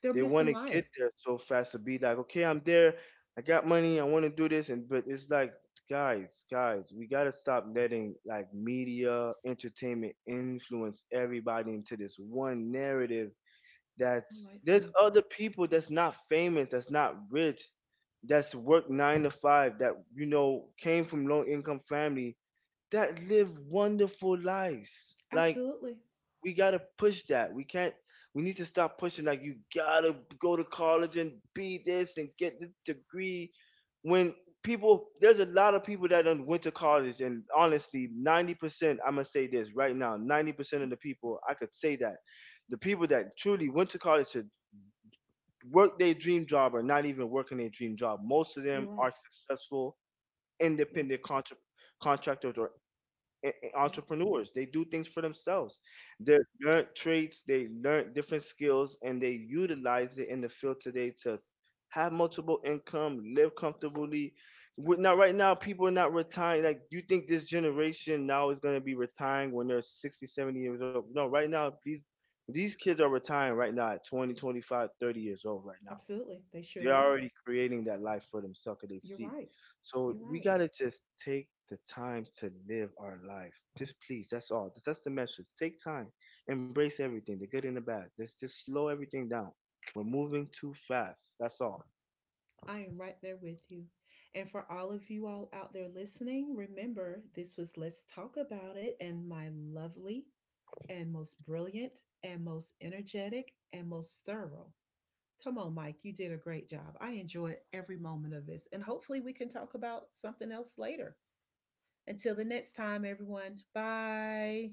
S1: They're
S2: they want
S1: missing
S2: to get
S1: life.
S2: there so fast to be like, okay, I'm there. I got money. I want to do this. And but it's like, guys, guys, we gotta stop letting like media, entertainment influence everybody into this one narrative. That's
S1: I like
S2: there's
S1: that.
S2: other people that's not famous, that's not rich, that's worked 9 to 5, that you know came from low income family that live wonderful lives. Like
S1: Absolutely.
S2: we gotta push that. We can't. We need to stop pushing like you gotta go to college and be this and get the degree. When people, there's a lot of people that done went to college, and honestly, 90%. I'm gonna say this right now. 90% of the people, I could say that, the people that truly went to college to work their dream job are not even working their dream job. Most of
S1: You're
S2: them
S1: right.
S2: are successful
S1: Yeah.
S2: independent contractors or
S1: Yeah.
S2: entrepreneurs. They do things for themselves. They learn traits, they learn different skills, and they utilize it in the field today to have multiple income, live comfortably. Now, right now, people are not retiring. Like, you think this generation now is going to be retiring when they're 60, 70 years old? No, right now, these kids are retiring right now at 20, 25, 30 years old right now.
S1: Absolutely. They
S2: They're
S1: surely are.
S2: already creating that life for themselves 'cause they
S1: You're
S2: see.
S1: right.
S2: So
S1: You're
S2: we
S1: right.
S2: gotta just take the time to live our life. Just please, that's all. That's the message. Take time. Embrace everything, the good and the bad. Let's just slow everything down. We're moving too fast. That's all.
S1: I am right there with you. And for all of you all out there listening, remember this was Let's Talk About It, and my lovely and most brilliant and most energetic and most thorough. Come on, Mike, you did a great job. I enjoyed every moment of this. And hopefully, we can talk about something else later. Until the next time, everyone. Bye.